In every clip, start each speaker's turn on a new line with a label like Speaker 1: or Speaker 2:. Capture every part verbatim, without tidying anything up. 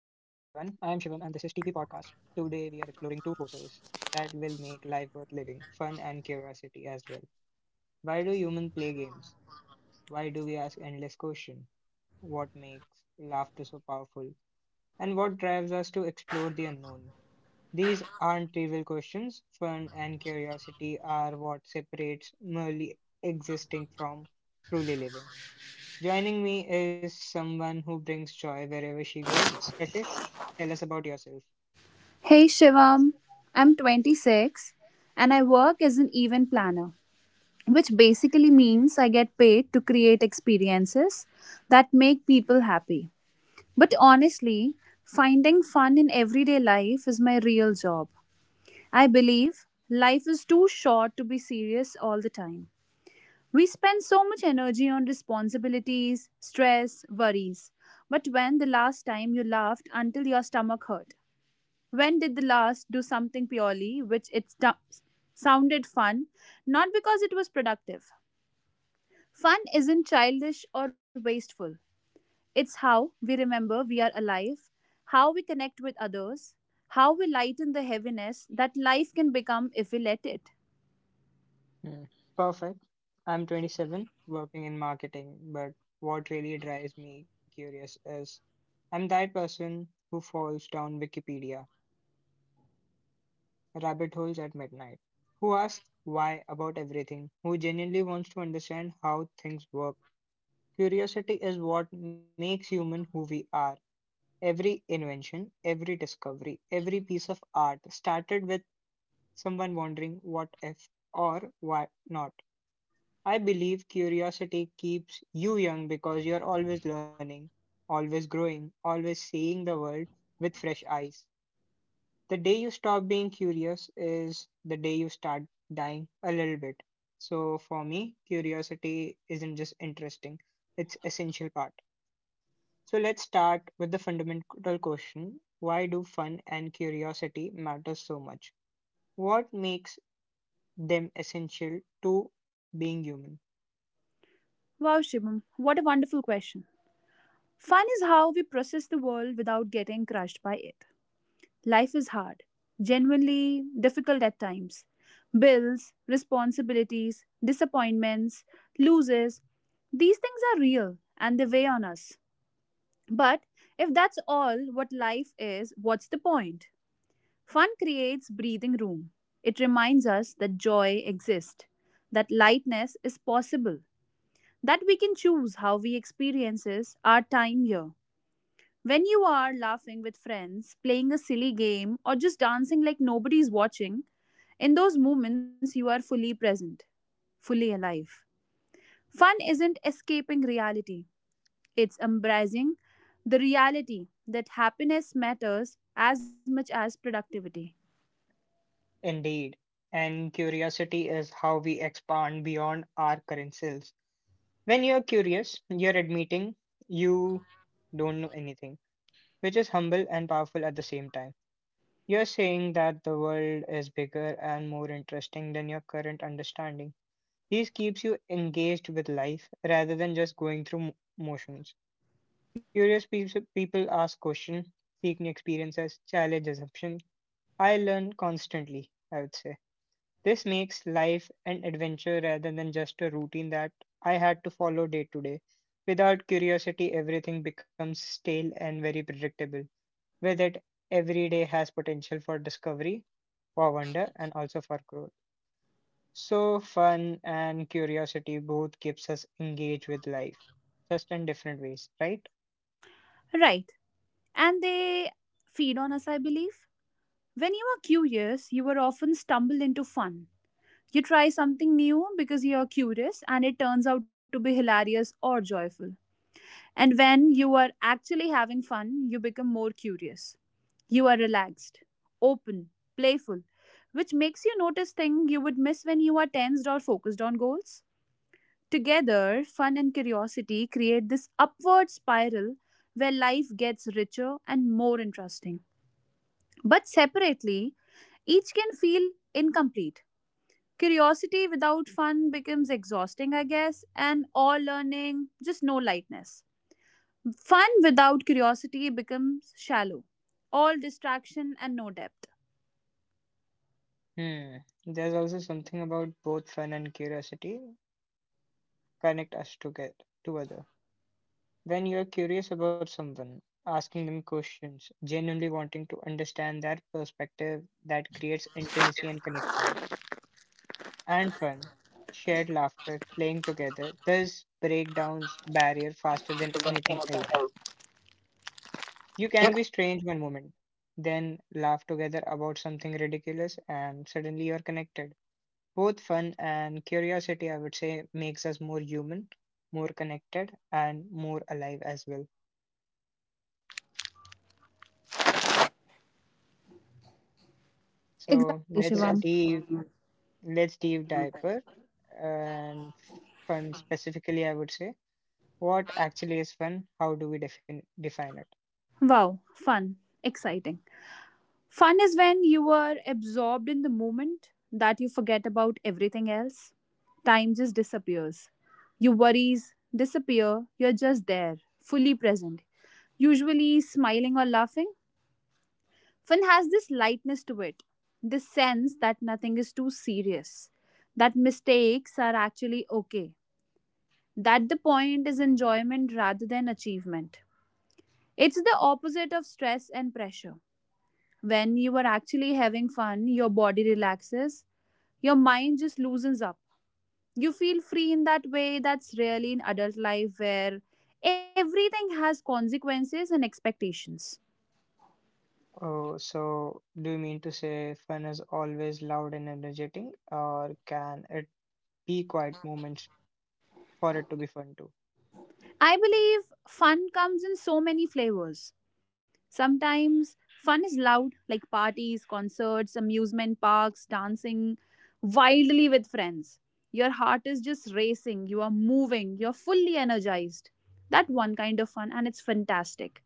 Speaker 1: T P Podcast. Today we are exploring two forces that will make life worth living, fun and curiosity as well. Why do humans play games? Why do we ask endless questions? What makes laughter so powerful? And what drives us to explore the unknown? These aren't trivial questions. Fun and curiosity are what separates merely existing from truly living. Joining me is someone who brings joy wherever she goes. Yashish, tell us about yourself.
Speaker 2: Hey Shivam, I'm twenty-six and I work as an event planner, which basically means I get paid to create experiences that make people happy. But honestly, finding fun in everyday life is my real job. I believe life is too short to be serious all the time. We spend so much energy on responsibilities, stress, worries. But when the last time you laughed until your stomach hurt? When did the last do something purely which it stu- sounded fun, not because it was productive? Fun isn't childish or wasteful. It's how we remember we are alive, how we connect with others, how we lighten the heaviness that life can become if we let it.
Speaker 1: Hmm. Perfect. I'm twenty-seven, working in marketing, but what really drives me curious is I'm that person who falls down Wikipedia rabbit holes at midnight, who asks why about everything, who genuinely wants to understand how things work. Curiosity is what makes human who we are. Every invention, every discovery, every piece of art started with someone wondering what if or why not. I believe curiosity keeps you young because you're always learning, always growing, always seeing the world with fresh eyes. The day you stop being curious is the day you start dying a little bit. So for me, curiosity isn't just interesting, it's essential part. So let's start with the fundamental question. Why do fun and curiosity matter so much? What makes them essential to being human?
Speaker 2: Wow, Shivam, what a wonderful question. Fun is how we process the world without getting crushed by it. Life is hard, genuinely difficult at times. Bills, responsibilities, disappointments, losses, these things are real and they weigh on us. But if that's all what life is, what's the point? Fun creates breathing room. It reminds us that joy exists, that lightness is possible, that we can choose how we experiences our time here. When you are laughing with friends, playing a silly game, or just dancing like nobody's watching, in those moments you are fully present, fully alive. Fun isn't escaping reality, it's embracing the reality that happiness matters as much as productivity.
Speaker 1: Indeed. And curiosity is how we expand beyond our current selves. When you're curious, you're admitting you don't know anything, which is humble and powerful at the same time. You're saying that the world is bigger and more interesting than your current understanding. This keeps you engaged with life rather than just going through mo- motions. Curious peeps- people ask questions, seek new experiences, challenge assumptions, I learn constantly, I would say. This makes life an adventure rather than just a routine that I had to follow day to day. Without curiosity, everything becomes stale and very predictable. With it, every day has potential for discovery, for wonder, and also for growth. So, fun and curiosity both keeps us engaged with life, just in different ways, right?
Speaker 2: Right, and they feed on us, I believe. When you are curious, you are often stumbled into fun. You try something new because you are curious and it turns out to be hilarious or joyful. And when you are actually having fun, you become more curious. You are relaxed, open, playful, which makes you notice things you would miss when you are tensed or focused on goals. Together, fun and curiosity create this upward spiral where life gets richer and more interesting. But separately, each can feel incomplete. Curiosity without fun becomes exhausting, I guess, and all learning, just no lightness. Fun without curiosity becomes shallow, all distraction and no depth.
Speaker 1: Hmm. There's also something about both fun and curiosity connect us together, to other. When you're curious about someone, asking them questions, genuinely wanting to understand their perspective, that creates intimacy and connection and fun. Shared laughter, playing together, this breakdowns barrier faster than anything else. You can be strange one moment, then laugh together about something ridiculous, and suddenly you're connected. Both fun and curiosity, I would say, makes us more human, more connected, and more alive as well.
Speaker 2: Exactly,
Speaker 1: So
Speaker 2: yes,
Speaker 1: let's
Speaker 2: Shivam.
Speaker 1: dive. Let's dive deeper and fun specifically, I would say. What actually is fun? How do we define define it?
Speaker 2: Wow, fun, exciting. Fun is when you are absorbed in the moment that you forget about everything else. Time just disappears. Your worries disappear. You're just there, fully present, usually smiling or laughing. Fun has this lightness to it, this sense that nothing is too serious, that mistakes are actually okay, that the point is enjoyment rather than achievement. It's the opposite of stress and pressure. When you are actually having fun, your body relaxes, your mind just loosens up. You feel free in that way that's rarely in adult life where everything has consequences and expectations.
Speaker 1: Oh, so do you mean to say fun is always loud and energetic, or can it be quiet moments for it to be fun too?
Speaker 2: I believe fun comes in so many flavors. Sometimes fun is loud, like parties, concerts, amusement parks, dancing wildly with friends. Your heart is just racing, you are moving, you're fully energized. That one kind of fun, and it's fantastic.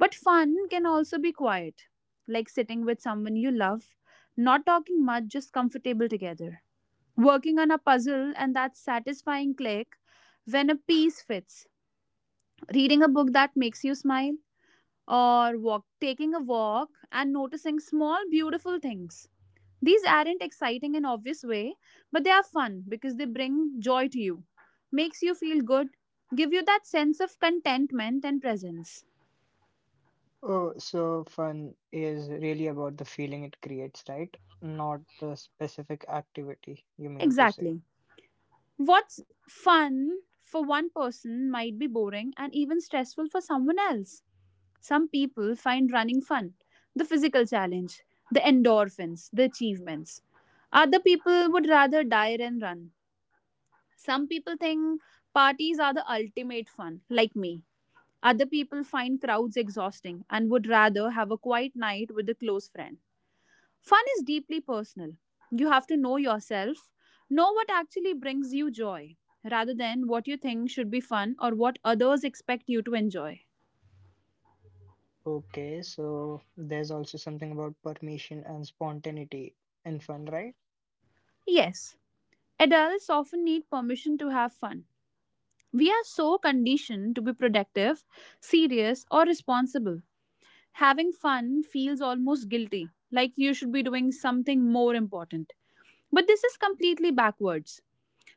Speaker 2: But fun can also be quiet, like sitting with someone you love, not talking much, just comfortable together. Working on a puzzle and that satisfying click when a piece fits, reading a book that makes you smile, or walk taking a walk and noticing small beautiful things. These aren't exciting in obvious way, but they are fun because they bring joy to you, makes you feel good, give you that sense of contentment and presence.
Speaker 1: Oh, so fun is really about the feeling it creates, right? Not the specific activity you mean to say.
Speaker 2: Exactly. What's fun for one person might be boring and even stressful for someone else. Some people find running fun, the physical challenge, the endorphins, the achievements. Other people would rather die than run. Some people think parties are the ultimate fun, like me. Other people find crowds exhausting and would rather have a quiet night with a close friend. Fun is deeply personal. You have to know yourself, know what actually brings you joy, rather than what you think should be fun or what others expect you to enjoy.
Speaker 1: Okay, so there's also something about permission and spontaneity in fun, right?
Speaker 2: Yes, adults often need permission to have fun. We are so conditioned to be productive, serious, or responsible. Having fun feels almost guilty, like you should be doing something more important. But this is completely backwards.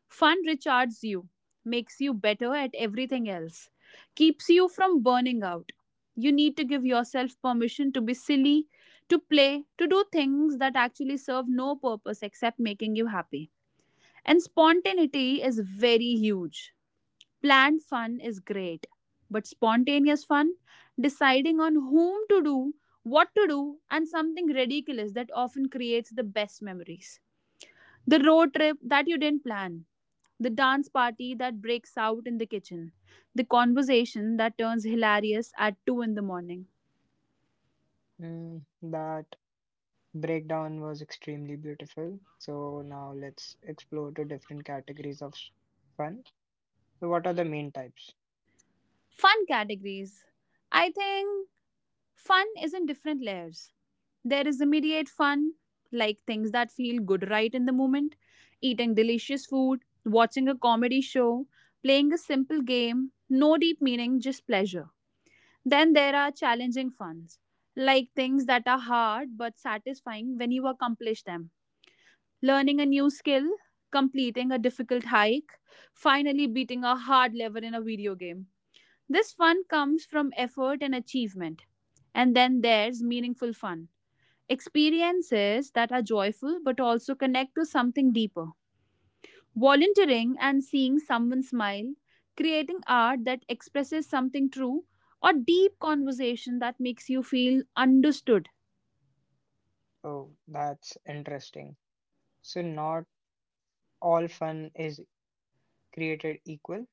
Speaker 2: Fun recharges you, makes you better at everything else, keeps you from burning out. You need to give yourself permission to be silly, to play, to do things that actually serve no purpose except making you happy. And spontaneity is very huge. Planned fun is great, but spontaneous fun, deciding on whom to do, what to do, and something ridiculous that often creates the best memories. The road trip that you didn't plan, the dance party that breaks out in the kitchen, the conversation that turns hilarious at two in the morning.
Speaker 1: Mm, that breakdown was extremely beautiful. So now let's explore the different categories of s- fun. So what are the main types?
Speaker 2: Fun categories. I think fun is in different layers. There is immediate fun, like things that feel good right in the moment, eating delicious food, watching a comedy show, playing a simple game, no deep meaning, just pleasure. Then there are challenging funs, like things that are hard but satisfying when you accomplish them. Learning a new skill, completing a difficult hike, finally beating a hard level in a video game. This fun comes from effort and achievement. And then there's meaningful fun, experiences that are joyful but also connect to something deeper. Volunteering and seeing someone smile, creating art that expresses something true, or deep conversation that makes you feel understood.
Speaker 1: Oh, that's interesting. So not all fun is created equal.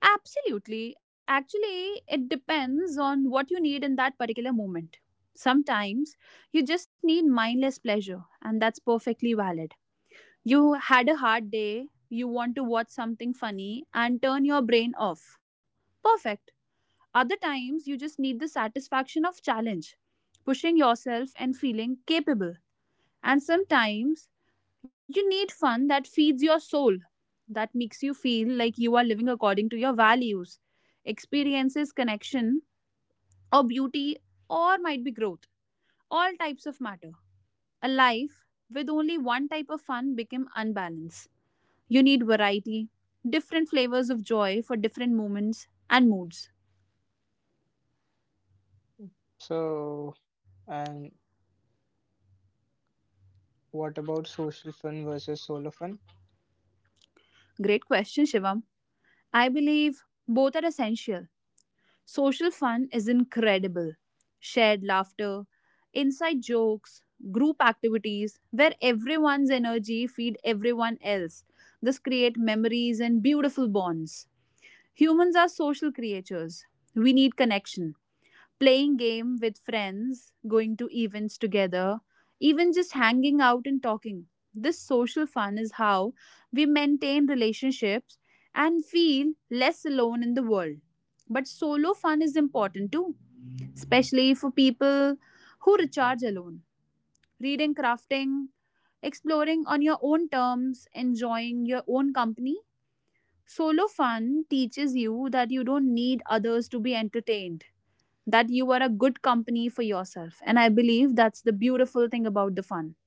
Speaker 2: Absolutely. Actually, it depends on what you need in that particular moment. Sometimes you just need mindless pleasure, and that's perfectly valid. You had a hard day, you want to watch something funny and turn your brain off. Perfect. Other times, you just need the satisfaction of challenge, pushing yourself and feeling capable. And sometimes, you need fun that feeds your soul, that makes you feel like you are living according to your values, experiences, connection, or beauty, or might be growth. All types of matter. A life with only one type of fun become unbalanced. You need variety, different flavors of joy for different moments and moods.
Speaker 1: So and what about social fun versus solo fun?
Speaker 2: Great question, Shivam. I believe both are essential. Social fun is incredible. Shared laughter, inside jokes, group activities where everyone's energy feed everyone else. This create memories and beautiful bonds. Humans are social creatures. We need connection, playing game with friends, going to events together, even just hanging out and talking. This social fun is how we maintain relationships and feel less alone in the world. But solo fun is important too, especially for people who recharge alone. Reading, crafting, exploring on your own terms, enjoying your own company. Solo fun teaches you that you don't need others to be entertained, that you are a good company for yourself. And I believe that's the beautiful thing about the fun.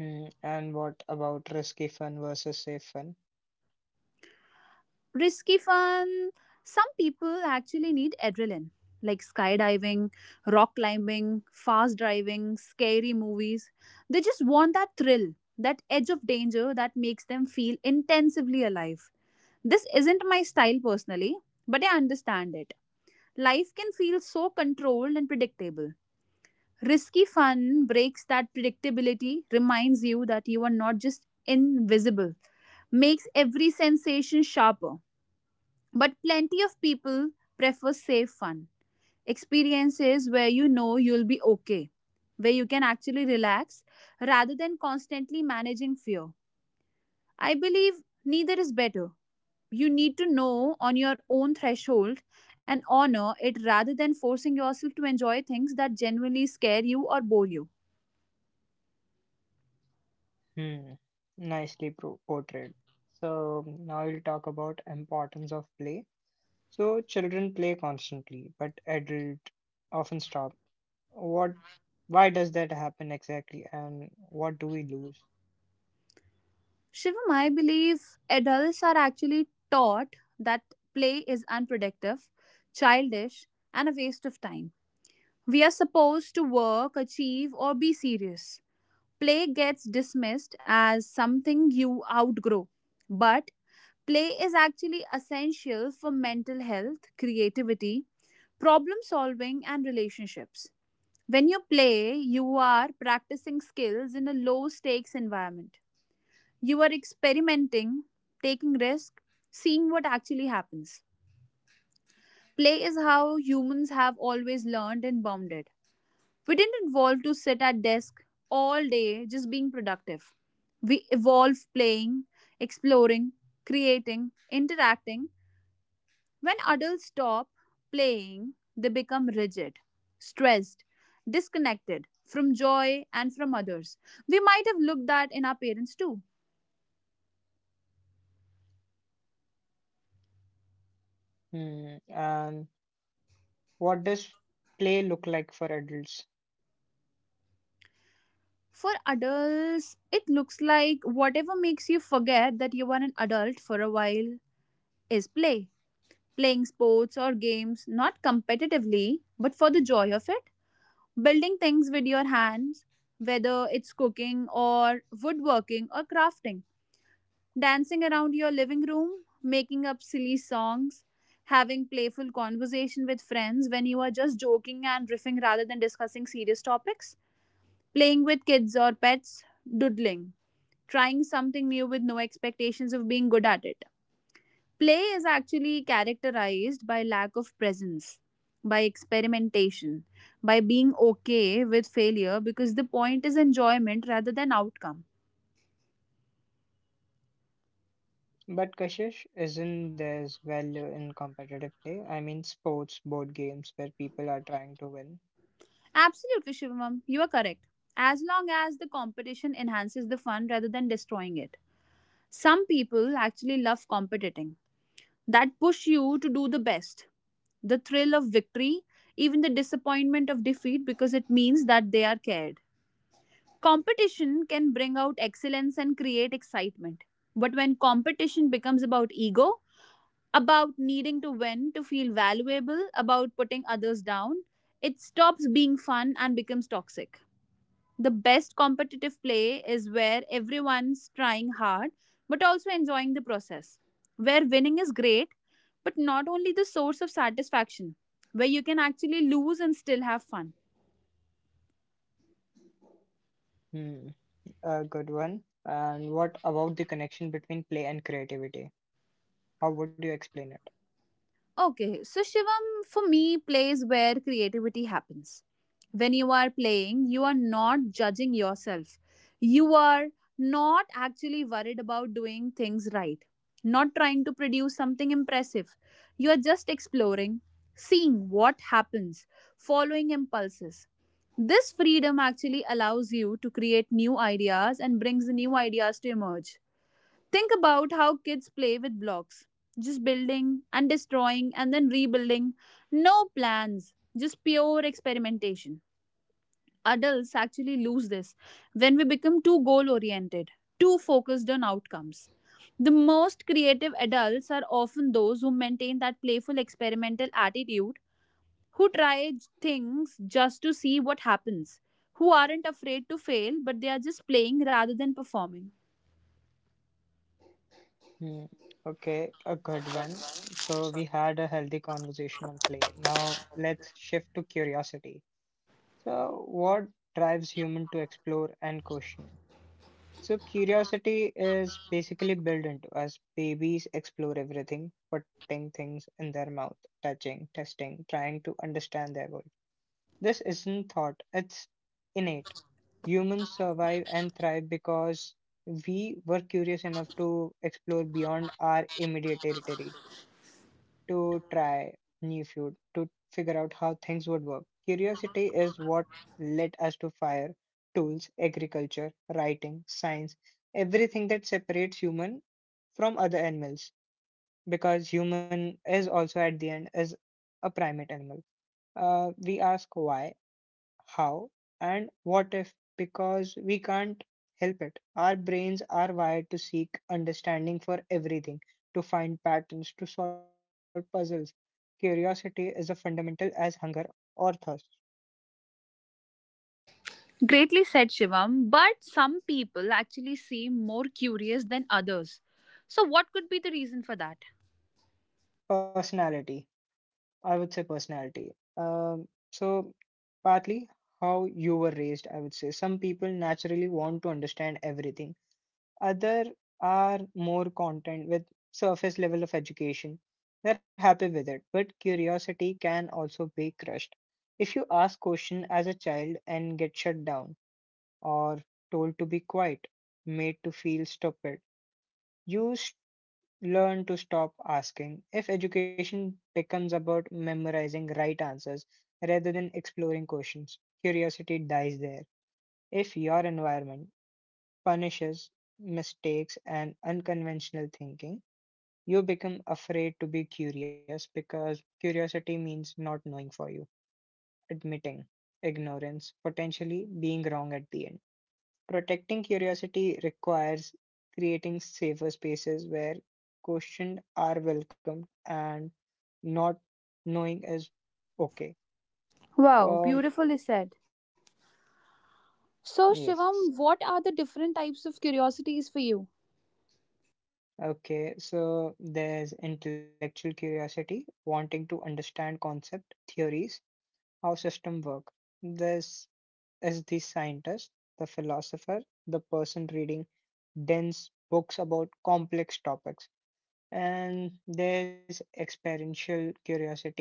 Speaker 1: Hmm. And what about risky fun versus safe fun?
Speaker 2: Risky fun. Some people actually need adrenaline, like skydiving, rock climbing, fast driving, scary movies. They just want that thrill, that edge of danger that makes them feel intensively alive. This isn't my style personally, but I understand it. Life can feel so controlled and predictable. Risky fun breaks that predictability, reminds you that you are not just invisible, makes every sensation sharper. But plenty of people prefer safe fun, experiences where you know you'll be okay, where you can actually relax rather than constantly managing fear. I believe neither is better. You need to know on your own threshold and honor it rather than forcing yourself to enjoy things that genuinely scare you or bore you.
Speaker 1: Hmm. Nicely pro- portrayed. So now we'll talk about importance of play. So children play constantly, but adults often stop. What, why does that happen exactly, and what do we lose?
Speaker 2: Shivam, I believe adults are actually taught that play is unproductive, childish, and a waste of time. We are supposed to work, achieve, or be serious. Play gets dismissed as something you outgrow, but play is actually essential for mental health, creativity, problem solving, and relationships. When you play, you are practicing skills in a low stakes environment, you are experimenting, taking risk, seeing what actually happens. Play is how humans have always learned and bounded. We didn't evolve to sit at desk all day just being productive. We evolve playing, exploring, creating, interacting. When adults stop playing, they become rigid, stressed, disconnected from joy and from others. We might have looked that in our parents too.
Speaker 1: Hmm. And what does play look like for adults?
Speaker 2: For adults, it looks like whatever makes you forget that you are an adult for a while is play. Playing sports or games, not competitively, but for the joy of it. Building things with your hands, whether it's cooking or woodworking or crafting. Dancing around your living room, making up silly songs, having playful conversation with friends when you are just joking and riffing rather than discussing serious topics. Playing with kids or pets, doodling, trying something new with no expectations of being good at it. Play is actually characterized by lack of presence, by experimentation, by being okay with failure because the point is enjoyment rather than outcome.
Speaker 1: But Kashish, isn't there's value in competitive play? I mean, sports, board games where people are trying to win.
Speaker 2: Absolutely, Shivam, you are correct. As long as the competition enhances the fun rather than destroying it. Some people actually love competing. That push you to do the best. The thrill of victory, even the disappointment of defeat because it means that they are cared. Competition can bring out excellence and create excitement. But when competition becomes about ego, about needing to win, to feel valuable, about putting others down, it stops being fun and becomes toxic. The best competitive play is where everyone's trying hard but also enjoying the process, where winning is great but not only the source of satisfaction, where you can actually lose and still have fun.
Speaker 1: Hmm. A good one. And what about the connection between play and creativity? How would you explain it?
Speaker 2: Okay, so Shivam, for me plays where creativity happens. When you are playing, you are not judging yourself. You are not actually worried about doing things right, not trying to produce something impressive. You are just exploring, seeing what happens, following impulses. This freedom actually allows you to create new ideas and brings new ideas to emerge. Think about how kids play with blocks, just building and destroying and then rebuilding. No plans, just pure experimentation. Adults actually lose this when we become too goal oriented, too focused on outcomes. The most creative adults are often those who maintain that playful experimental attitude, who try j- things just to see what happens, who aren't afraid to fail but they are just playing rather than performing.
Speaker 1: Hmm. Okay, a good one. So we had a healthy conversation on play. Now let's shift to curiosity. So what drives human to explore and question? So curiosity is basically built into us. Babies explore everything, putting things in their mouth, touching, testing, trying to understand their world. This isn't thought, it's innate. Humans survive and thrive because we were curious enough to explore beyond our immediate territory to try new food to figure out how things would work. Curiosity is what led us to fire, tools, agriculture, writing, science, everything that separates human from other animals because human is also at the end is a primate animal. Uh, we ask why, how, and what if? Because we can't help it. Our brains are wired to seek understanding for everything, to find patterns, to solve puzzles. Curiosity is a fundamental as hunger or thirst.
Speaker 2: Greatly said, Shivam. But some people actually seem more curious than others. So, what could be the reason for that?
Speaker 1: Personality, I would say personality. Um, so, partly how you were raised, I would say. Some people naturally want to understand everything. Other are more content with surface level of education. They're happy with it, but curiosity can also be crushed. If you ask question as a child and get shut down or told to be quiet, made to feel stupid, you s- learn to stop asking. If education becomes about memorizing right answers rather than exploring questions, curiosity dies there. If your environment punishes mistakes and unconventional thinking, you become afraid to be curious because curiosity means not knowing for you, admitting ignorance, potentially being wrong at the end. Protecting curiosity requires creating safer spaces where questions are welcomed and not knowing is okay.
Speaker 2: Wow,
Speaker 1: Um,
Speaker 2: beautifully said. So, Shivam,
Speaker 1: yes.
Speaker 2: what are the different types of curiosities for you?
Speaker 1: Okay, so there's intellectual curiosity, wanting to understand concept, theories, how system work. This is the scientist, the philosopher, the person reading dense books about complex topics. And there's experiential curiosity,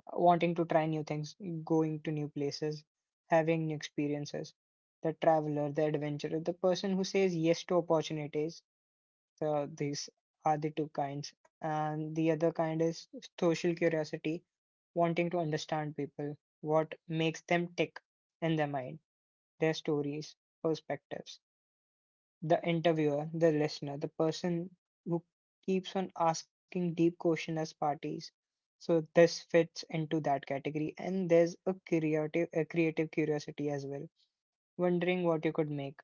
Speaker 1: wanting to try new things, going to new places, having new experiences. The traveler, the adventurer, the person who says yes to opportunities. So these are the two kinds. And the other kind is social curiosity, wanting to understand people, what makes them tick in their mind, their stories, perspectives. The interviewer, the listener, the person who keeps on asking deep questions as parties. So this fits into that category, and there's a creative, a creative curiosity as well, wondering what you could make,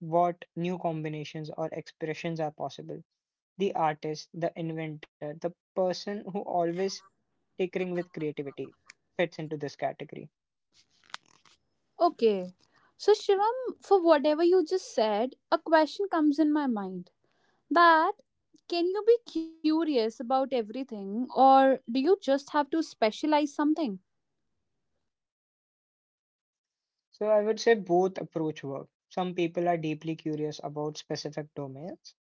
Speaker 1: what new combinations or expressions are possible. The artist, the inventor, the person who always tinkering with creativity fits into this category.
Speaker 2: Okay. So, Shivam, for whatever you just said, a question comes in my mind that can you be curious about everything or do you just have to specialize something?
Speaker 1: So I would say both approach work. Some people are deeply curious about specific domains.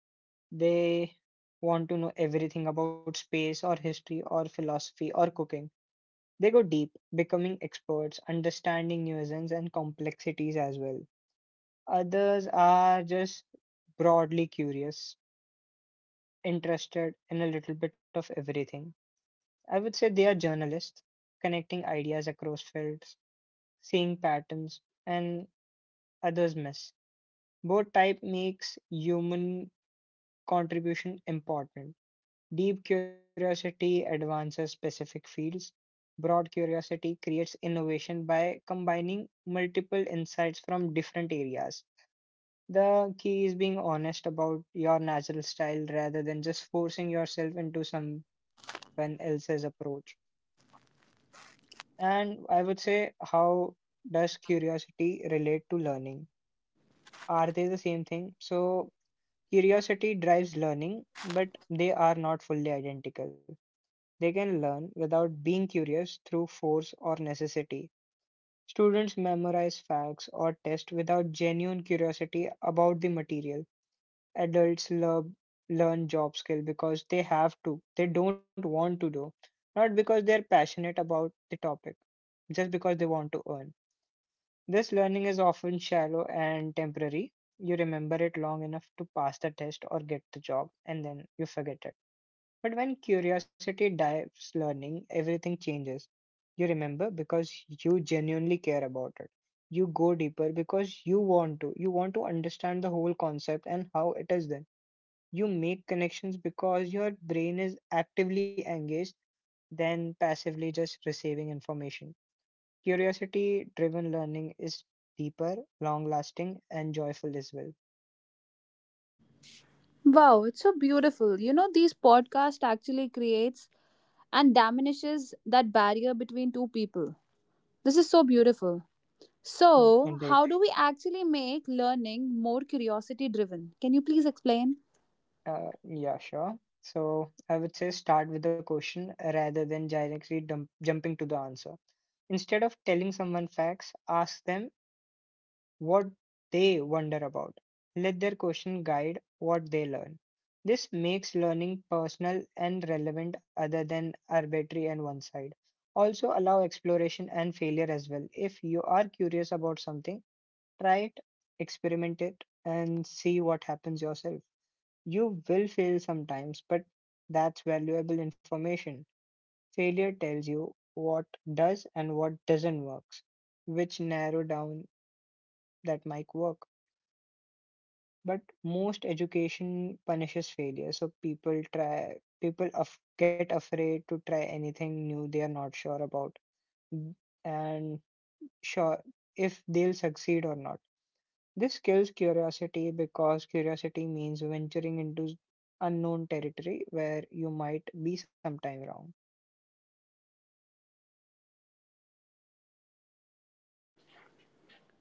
Speaker 1: They want to know everything about space or history or philosophy or cooking. They go deep, becoming experts, understanding nuisance and complexities as well. Others are just broadly curious, interested in a little bit of everything. I would say they are journalists, connecting ideas across fields, seeing patterns, and others miss. Both type makes human contribution important. Deep curiosity advances specific fields. Broad curiosity creates innovation by combining multiple insights from different areas. The key is being honest about your natural style rather than just forcing yourself into someone else's approach. And I would say, how does curiosity relate to learning? Are they the same thing? So, curiosity drives learning, but they are not fully identical. They can learn without being curious through force or necessity. Students memorize facts or tests without genuine curiosity about the material. Adults love, learn job skill because they have to. They don't want to do, not because they are passionate about the topic, just because they want to earn. This learning is often shallow and temporary. You remember it long enough to pass the test or get the job, and then you forget it. But when curiosity drives learning, everything changes. You remember because you genuinely care about it. You go deeper because you want to. You want to understand the whole concept and how it is done. You make connections because your brain is actively engaged than passively just receiving information. Curiosity driven learning is deeper, long lasting, and joyful as well.
Speaker 2: Wow, it's so beautiful. You know, these podcasts actually creates and diminishes that barrier between two people. This is so beautiful.
Speaker 1: Hmm.
Speaker 2: So,
Speaker 1: Indeed.
Speaker 2: how do we actually make learning more curiosity driven? Can you please explain?
Speaker 1: Uh, yeah, sure. So I would say start with the question rather than directly dump- jumping to the answer. Instead of telling someone facts, ask them what they wonder about. Let their question guide what they learn. This makes learning personal and relevant other than arbitrary and one side. Also, allow exploration and failure as well. If you are curious about something, try it, experiment it, and see what happens yourself. You will fail sometimes, but that's valuable information. Failure tells you what does and what doesn't work, which narrow down that might work. But most education punishes failure, so people try people af- get afraid to try anything new they are not sure about and sure if they'll succeed or not. This kills curiosity because curiosity means venturing into unknown territory where you might be sometime wrong.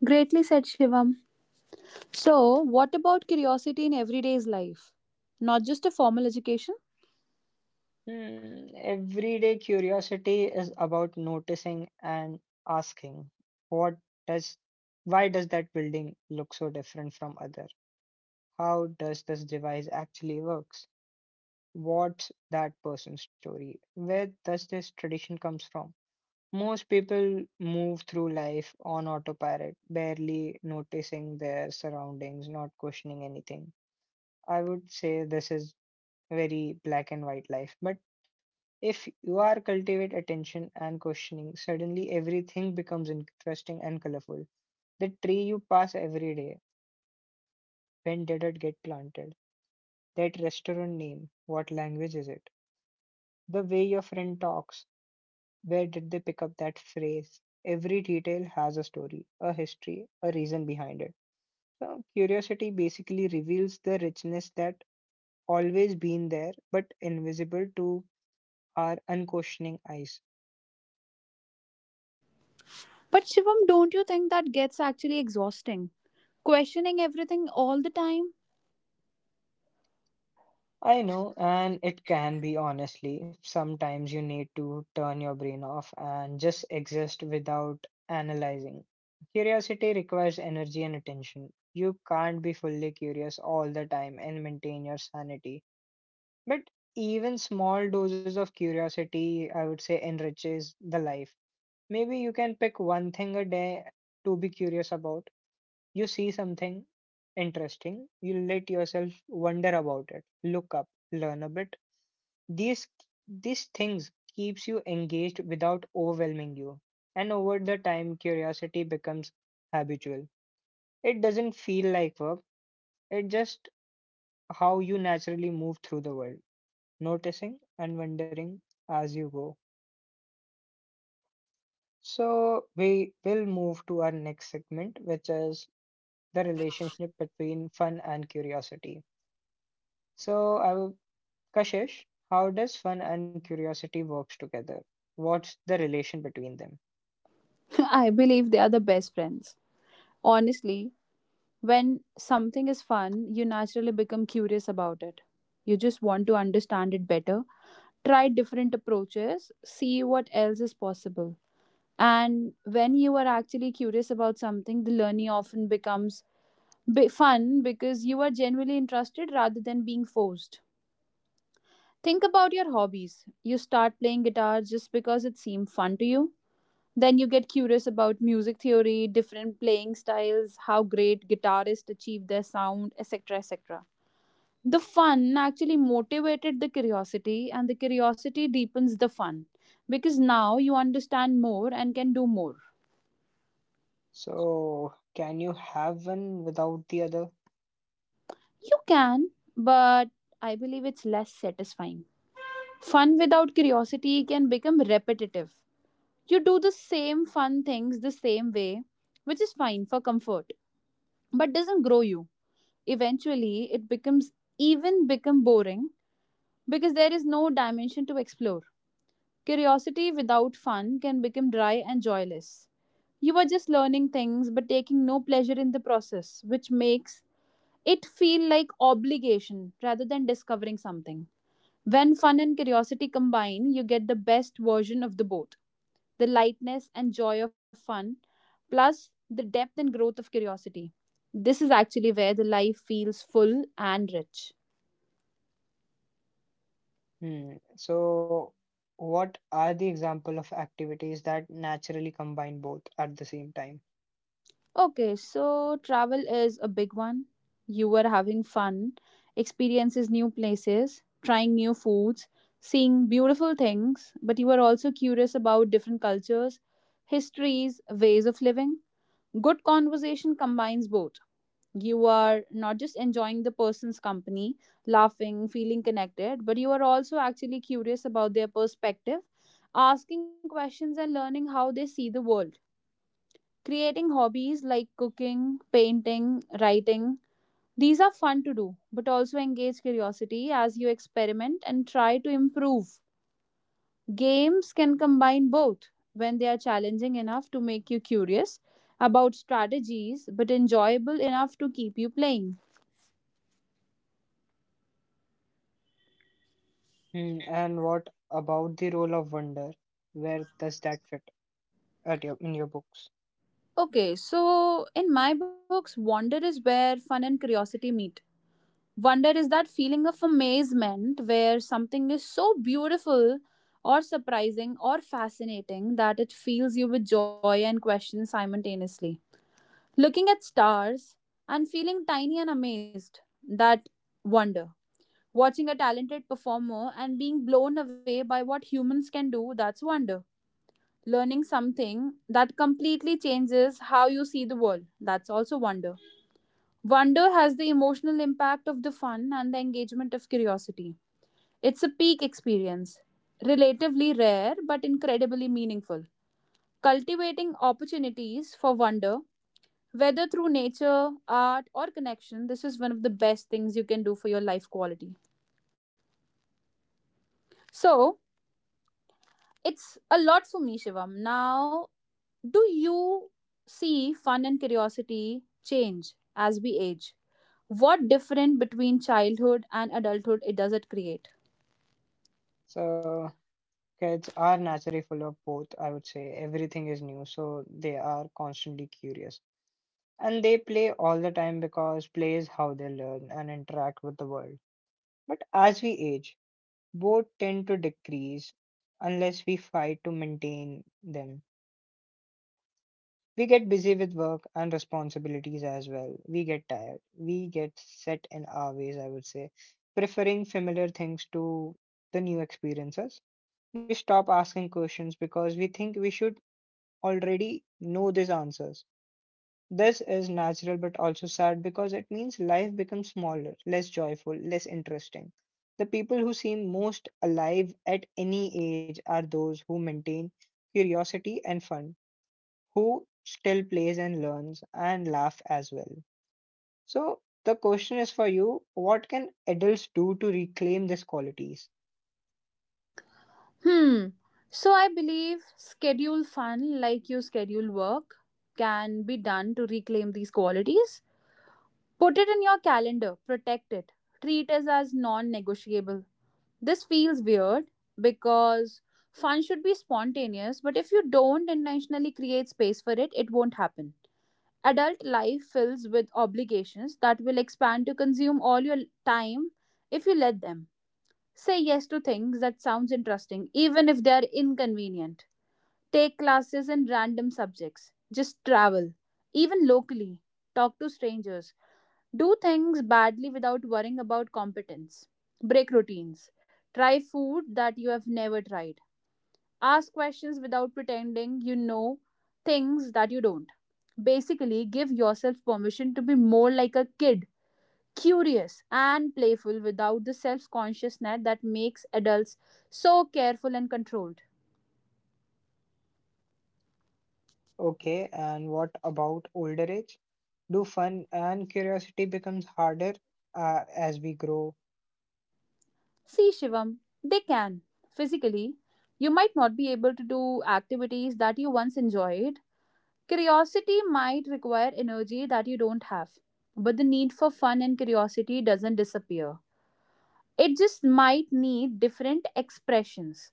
Speaker 2: Greatly said, Shivam. So, what about curiosity in everyday's life? Not just a formal education?
Speaker 1: Hmm, everyday curiosity is about noticing and asking, what does, why does that building look so different from other? How does this device actually works? What's that person's story? Where does this tradition comes from? Most people move through life on autopilot, barely noticing their surroundings, not questioning anything. I would say this is very black and white life. But if you are cultivate attention and questioning, suddenly everything becomes interesting and colorful. The tree you pass every day, when did it get planted? That restaurant name, what language is it? The way your friend talks, where did they pick up that phrase? Every detail has a story, a history, a reason behind it. So, curiosity basically reveals the richness that always been there but invisible to our unquestioning eyes.
Speaker 2: But Shivam, don't you think that gets actually exhausting? Questioning everything all the time?
Speaker 1: I know, and it can be honestly. Sometimes you need to turn your brain off and just exist without analyzing. Curiosity requires energy and attention. You can't be fully curious all the time and maintain your sanity. But even small doses of curiosity, I would say, enriches the life. Maybe you can pick one thing a day to be curious about. You see something interesting, you let yourself wonder about it, look up, learn a bit. These these things keeps you engaged without overwhelming you. And over the time, curiosity becomes habitual. It doesn't feel like work. It's just how you naturally move through the world, noticing and wondering as you go. So, we will move to our next segment, which is the relationship between fun and curiosity. So, I will, Kashish, how does fun and curiosity works together? What's the relation between them?
Speaker 2: I believe they are the best friends. Honestly, when something is fun, you naturally become curious about it. You just want to understand it better. Try different approaches, see what else is possible. And when you are actually curious about something, the learning often becomes bi- fun because you are genuinely interested rather than being forced. Think about your hobbies. You start playing guitar just because it seemed fun to you, then you get curious about music theory, different playing styles, how great guitarists achieve their sound, et cetera et cetera. The fun actually motivated the curiosity, and the curiosity deepens the fun because now you understand more and can do more.
Speaker 1: So, can you have one without the other?
Speaker 2: You can, but I believe it's less satisfying. Fun without curiosity can become repetitive. You do the same fun things the same way, which is fine for comfort, but doesn't grow you. Eventually, it becomes even become boring because there is no dimension to explore. Curiosity without fun can become dry and joyless. You are just learning things but taking no pleasure in the process, which makes it feel like obligation rather than discovering something. When fun and curiosity combine, you get the best version of the both, the lightness and joy of fun, plus the depth and growth of curiosity. This is actually where the life feels full and rich.
Speaker 1: Hmm. So, what are the example of activities that naturally combine both at the same time?
Speaker 2: Okay, so travel is a big one. You were having fun, experiences new places, trying new foods, seeing beautiful things, but you were also curious about different cultures, histories, ways of living. Good conversation combines both. You are not just enjoying the person's company, laughing, feeling connected, but you are also actually curious about their perspective, asking questions and learning how they see the world. Creating hobbies like cooking, painting, writing, these are fun to do, but also engage curiosity as you experiment and try to improve. Games can combine both when they are challenging enough to make you curious about strategies, but enjoyable enough to keep you playing.
Speaker 1: Hmm. And what about the role of wonder? Where does that fit at your, in your books?
Speaker 2: Okay, so in my books, wonder is where fun and curiosity meet. Wonder is that feeling of amazement where something is so beautiful or surprising or fascinating that it fills you with joy and question simultaneously. Looking at stars and feeling tiny and amazed, that wonder. Watching a talented performer and being blown away by what humans can do, that's wonder. Learning something that completely changes how you see the world, that's also wonder. Wonder has the emotional impact of the fun and the engagement of curiosity. It's a peak experience, relatively rare but incredibly meaningful. Cultivating opportunities for wonder, whether through nature, art, or connection, this is one of the best things you can do for your life quality. So, it's a lot for me, Shivam. Now, do you see fun and curiosity change as we age? What different between childhood and adulthood it does it create?
Speaker 1: So kids are naturally full of both, I would say. Everything is new, so they are constantly curious. And they play all the time because play is how they learn and interact with the world. But as we age, both tend to decrease unless we fight to maintain them. We get busy with work and responsibilities as well. We get tired. We get set in our ways, I would say, preferring familiar things to the new experiences. We stop asking questions because we think we should already know these answers. This is natural but also sad because it means life becomes smaller, less joyful, less interesting. The people who seem most alive at any age are those who maintain curiosity and fun, who still plays and learns and laugh as well. So the question is for you, what can adults do to reclaim these qualities?
Speaker 2: Hmm. So I believe schedule fun like you schedule work can be done to reclaim these qualities. Put it in your calendar, protect it, treat it as non negotiable. This feels weird because fun should be spontaneous, but if you don't intentionally create space for it, it won't happen. Adult life fills with obligations that will expand to consume all your time if you let them. Say yes to things that sounds interesting even if they are inconvenient. Take classes in random subjects. Just travel, even locally. Talk to strangers. Do things badly without worrying about competence. Break routines. Try food that you have never tried. Ask questions without pretending you know things that you don't. Basically, give yourself permission to be more like a kid, curious and playful without the self consciousness that makes adults so careful and controlled.
Speaker 1: Okay, and what about older age? Do fun and curiosity becomes harder uh, as we grow?
Speaker 2: See, Shivam, they can. Physically, you might not be able to do activities that you once enjoyed. Curiosity might require energy that you don't have. But the need for fun and curiosity doesn't disappear. It just might need different expressions.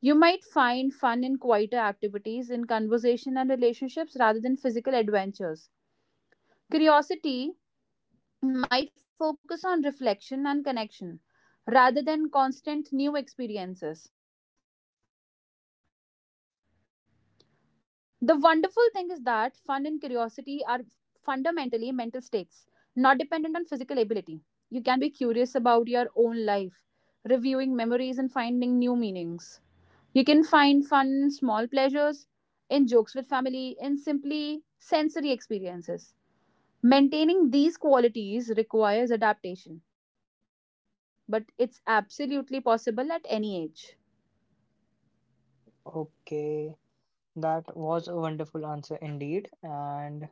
Speaker 2: You might find fun in quieter activities, in conversation and relationships rather than physical adventures. Curiosity might focus on reflection and connection rather than constant new experiences. The wonderful thing is that fun and curiosity are fundamentally mental states, not dependent on physical ability. You can be curious about your own life, reviewing memories and finding new meanings. You can find fun in small pleasures, in jokes with family, in simply sensory experiences. Maintaining these qualities requires adaptation, but it's absolutely possible at any age.
Speaker 1: Okay, that was a wonderful answer indeed. And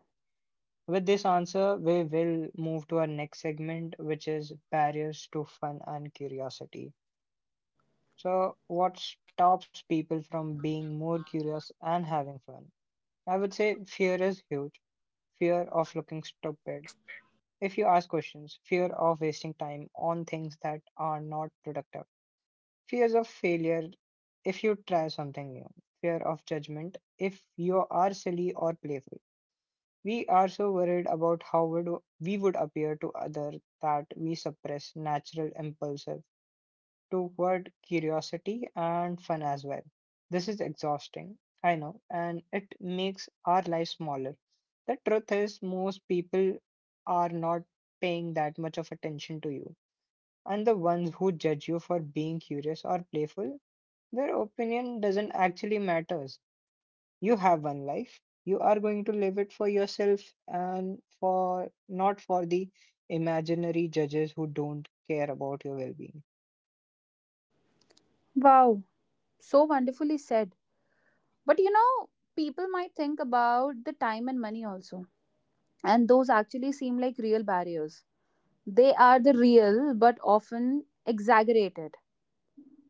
Speaker 1: with this answer, we will move to our next segment, which is barriers to fun and curiosity. So, what stops people from being more curious and having fun? I would say fear is huge. Fear of looking stupid. If you ask questions, fear of wasting time on things that are not productive, fears of failure if you try something new, fear of judgment if you are silly or playful. We are so worried about how would we would appear to others that we suppress natural impulses toward curiosity and fun as well. This is exhausting, I know, and it makes our life smaller. The truth is, most people are not paying that much of attention to you. And the ones who judge you for being curious or playful, their opinion doesn't actually matters. You have one life. You are going to live it for yourself and for not for the imaginary judges who don't care about your well-being.
Speaker 2: Wow, so wonderfully said. But you know, people might think about the time and money also. And those actually seem like real barriers. They are the real but often exaggerated.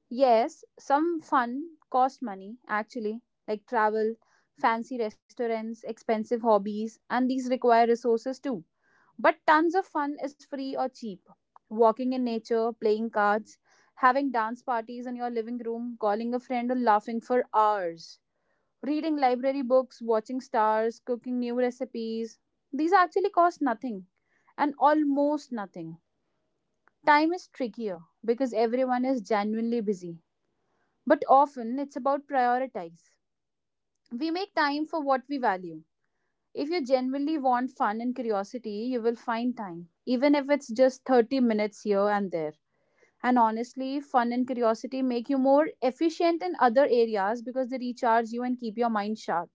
Speaker 2: Yes, some fun cost money actually, like travel, fancy restaurants, expensive hobbies, and these require resources too. But tons of fun is free or cheap. Walking in nature, playing cards, having dance parties in your living room, calling a friend, or laughing for hours. Reading library books, watching stars, cooking new recipes. These actually cost nothing and almost nothing. Time is trickier because everyone is genuinely busy. But often it's about prioritize. We make time for what we value. If you genuinely want fun and curiosity, you will find time, even if it's just thirty minutes here and there. And honestly, fun and curiosity make you more efficient in other areas because they recharge you and keep your mind sharp.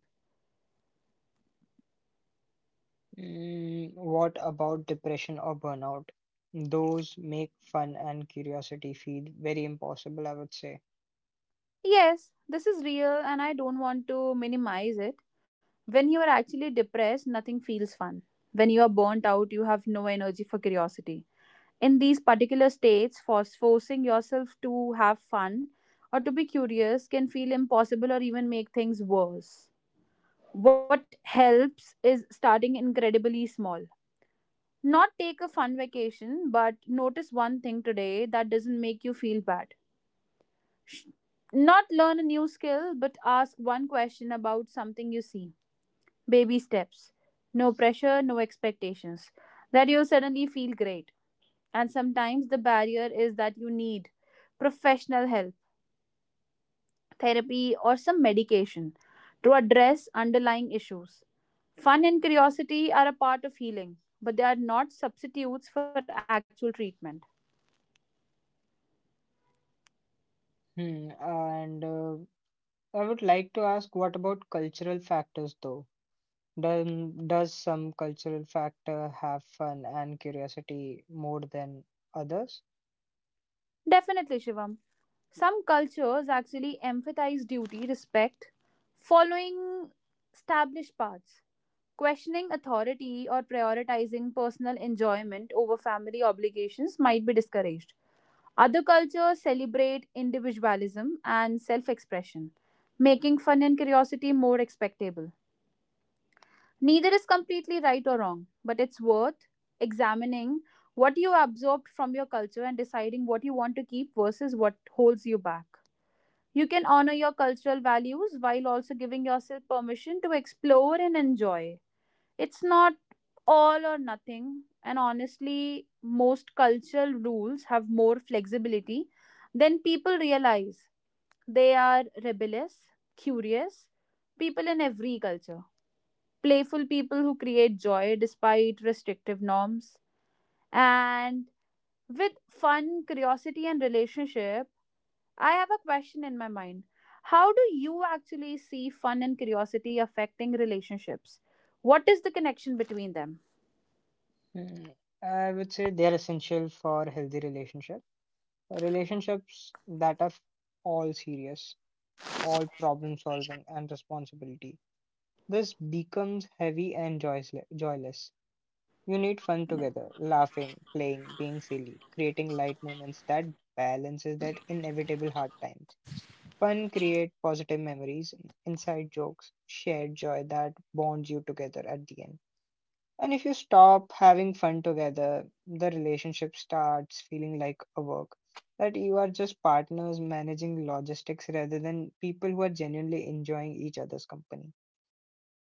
Speaker 1: Mm, what about depression or burnout? Those make fun and curiosity feel very impossible, I would say.
Speaker 2: Yes, this is real and I don't want to minimize it. When you are actually depressed, nothing feels fun. When you are burnt out, you have no energy for curiosity. In these particular states, for forcing yourself to have fun or to be curious can feel impossible or even make things worse. What helps is starting incredibly small. Not take a fun vacation, but notice one thing today that doesn't make you feel bad. Sh- Not learn a new skill, but ask one question about something you see. Baby steps. No pressure, no expectations. That you suddenly feel great. And sometimes the barrier is that you need professional help, therapy, or some medication to address underlying issues. Fun and curiosity are a part of healing, but they are not substitutes for actual treatment.
Speaker 1: Hmm. And uh, I would like to ask, what about cultural factors though? Does, does some cultural factor have fun and curiosity more than others?
Speaker 2: Definitely, Shivam. Some cultures actually emphasize duty, respect, following established paths, questioning authority, or prioritizing personal enjoyment over family obligations might be discouraged. Other cultures celebrate individualism and self expression, making fun and curiosity more expectable. Neither is completely right or wrong, but it's worth examining what you absorbed from your culture and deciding what you want to keep versus what holds you back. You can honor your cultural values while also giving yourself permission to explore and enjoy. It's not all or nothing, and honestly, most cultural rules have more flexibility than people realize. They are rebellious, curious people in every culture, playful people who create joy despite restrictive norms, and with fun, curiosity, and relationship I have a question in my mind. How do you actually see fun and curiosity affecting relationships? What is the connection between them?
Speaker 1: Hmm. I would say they are essential for healthy relationship. Relationships that are all serious, all problem solving and responsibility, this becomes heavy and joysle- joyless. You need fun together, laughing, playing, being silly, creating light moments that balances that inevitable hard times. Fun create positive memories, inside jokes, shared joy that bonds you together at the end. And if you stop having fun together, the relationship starts feeling like a work. That you are just partners managing logistics rather than people who are genuinely enjoying each other's company.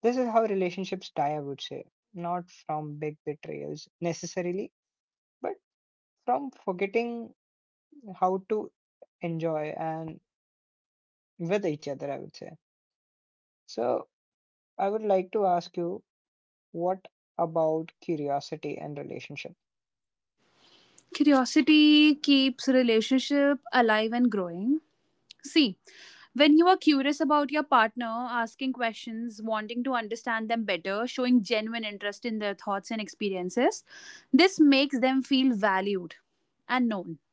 Speaker 1: This is how relationships die, I would say. Not from big betrayals necessarily, but from forgetting how to enjoy and with each other, I would say. So, I would like to ask you what about curiosity and relationship?
Speaker 2: Curiosity keeps relationship alive and growing. See, when you are curious about your partner, asking questions, wanting to understand them better, showing genuine interest in their thoughts and experiences, this makes them feel valued and known.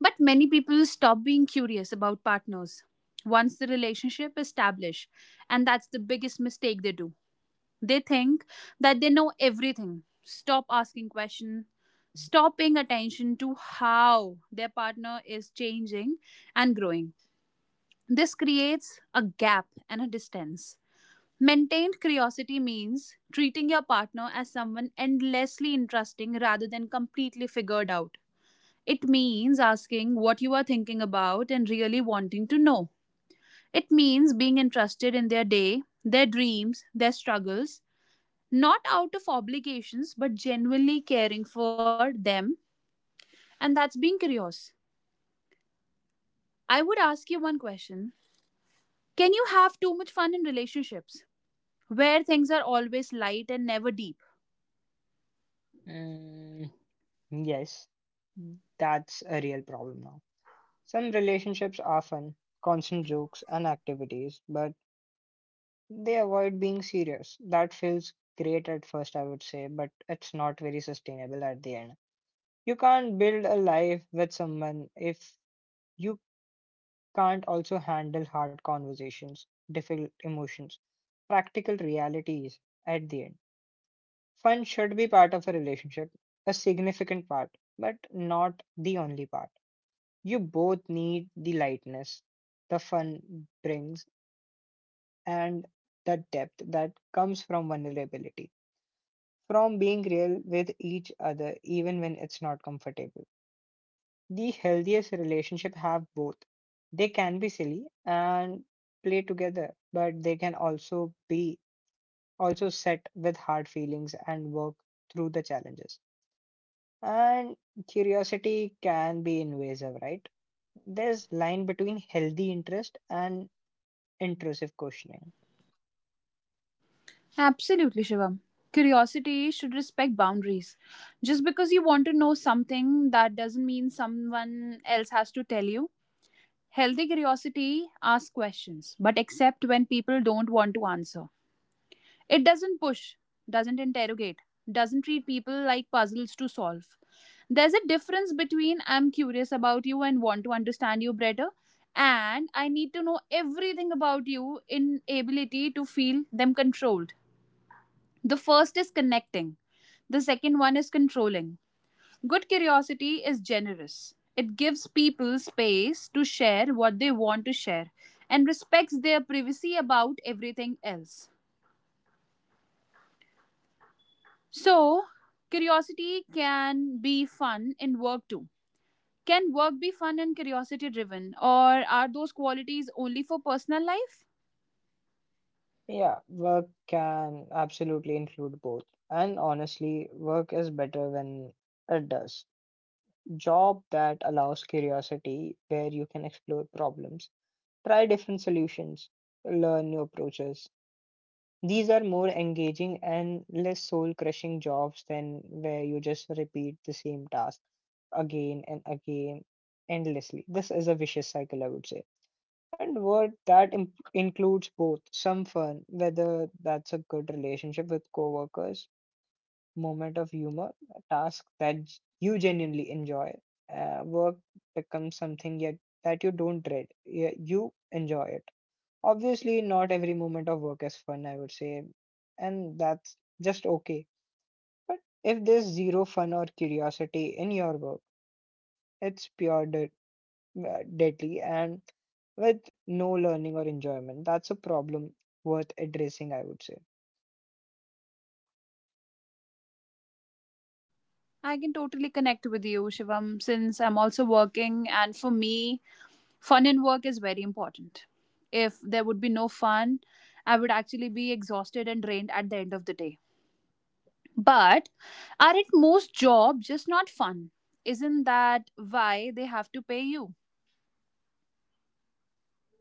Speaker 2: But many people stop being curious about partners once the relationship is established, and that's the biggest mistake they do. They think that they know everything. Stop asking questions. Stop paying attention to how their partner is changing and growing. This creates a gap and a distance. Maintained curiosity means treating your partner as someone endlessly interesting rather than completely figured out. It means asking what you are thinking about and really wanting to know. It means being interested in their day, their dreams, their struggles, not out of obligations, but genuinely caring for them. And that's being curious. I would ask you one question. Can you have too much fun in relationships where things are always light and never deep?
Speaker 1: Mm, yes, that's a real problem now. Some relationships are fun, constant jokes and activities, but they avoid being serious. That feels great at first, I would say, but it's not very sustainable at the end. You can't build a life with someone if you can't also handle hard conversations, difficult emotions, practical realities at the end. Fun should be part of a relationship, a significant part, but not the only part. You both need the lightness the fun brings and the depth that comes from vulnerability, from being real with each other even when it's not comfortable. The healthiest relationship have both. They can be silly and play together, but they can also be also set with hard feelings and work through the challenges. And curiosity can be invasive, right? There's line between healthy interest and intrusive questioning.
Speaker 2: Absolutely, Shivam. Curiosity should respect boundaries. Just because you want to know something, that doesn't mean someone else has to tell you. Healthy curiosity asks questions, but accept when people don't want to answer. It doesn't push, doesn't interrogate, doesn't treat people like puzzles to solve. There's a difference between I'm curious about you and want to understand you better and I need to know everything about you in ability to feel them controlled. The first is connecting, the second one is controlling. Good curiosity is generous. It gives people space to share what they want to share and respects their privacy about everything else. So, curiosity can be fun in work too. Can work be fun and curiosity driven, or are those qualities only for personal life?
Speaker 1: Yeah, work can absolutely include both. And honestly, work is better when it does. Job that allows curiosity, where you can explore problems, try different solutions, learn new approaches. These are more engaging and less soul-crushing jobs than where you just repeat the same task again and again endlessly. This is a vicious cycle, I would say, and work that im- includes both some fun, whether that's a good relationship with coworkers, moment of humor, a task that j- you genuinely enjoy. Uh, work becomes something yet that you don't dread. Yeah, you enjoy it. Obviously, not every moment of work is fun, I would say, and that's just okay. But if there's zero fun or curiosity in your work, it's pure uh, deadly and with no learning or enjoyment. That's a problem worth addressing, I would say.
Speaker 2: I can totally connect with you, Shivam, since I'm also working, and for me, fun in work is very important. If there would be no fun, I would actually be exhausted and drained at the end of the day. But aren't most jobs just not fun? Isn't that why they have to pay you?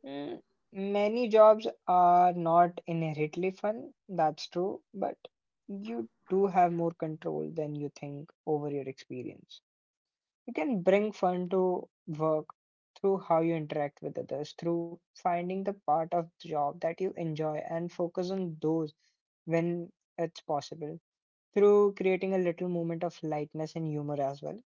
Speaker 1: Mm, many jobs are not inherently fun, that's true, but you do have more control than you think over your experience. You can bring fun to work through how you interact with others, through finding the part of the job that you enjoy and focus on those when it's possible, through creating a little moment of lightness and humor as well.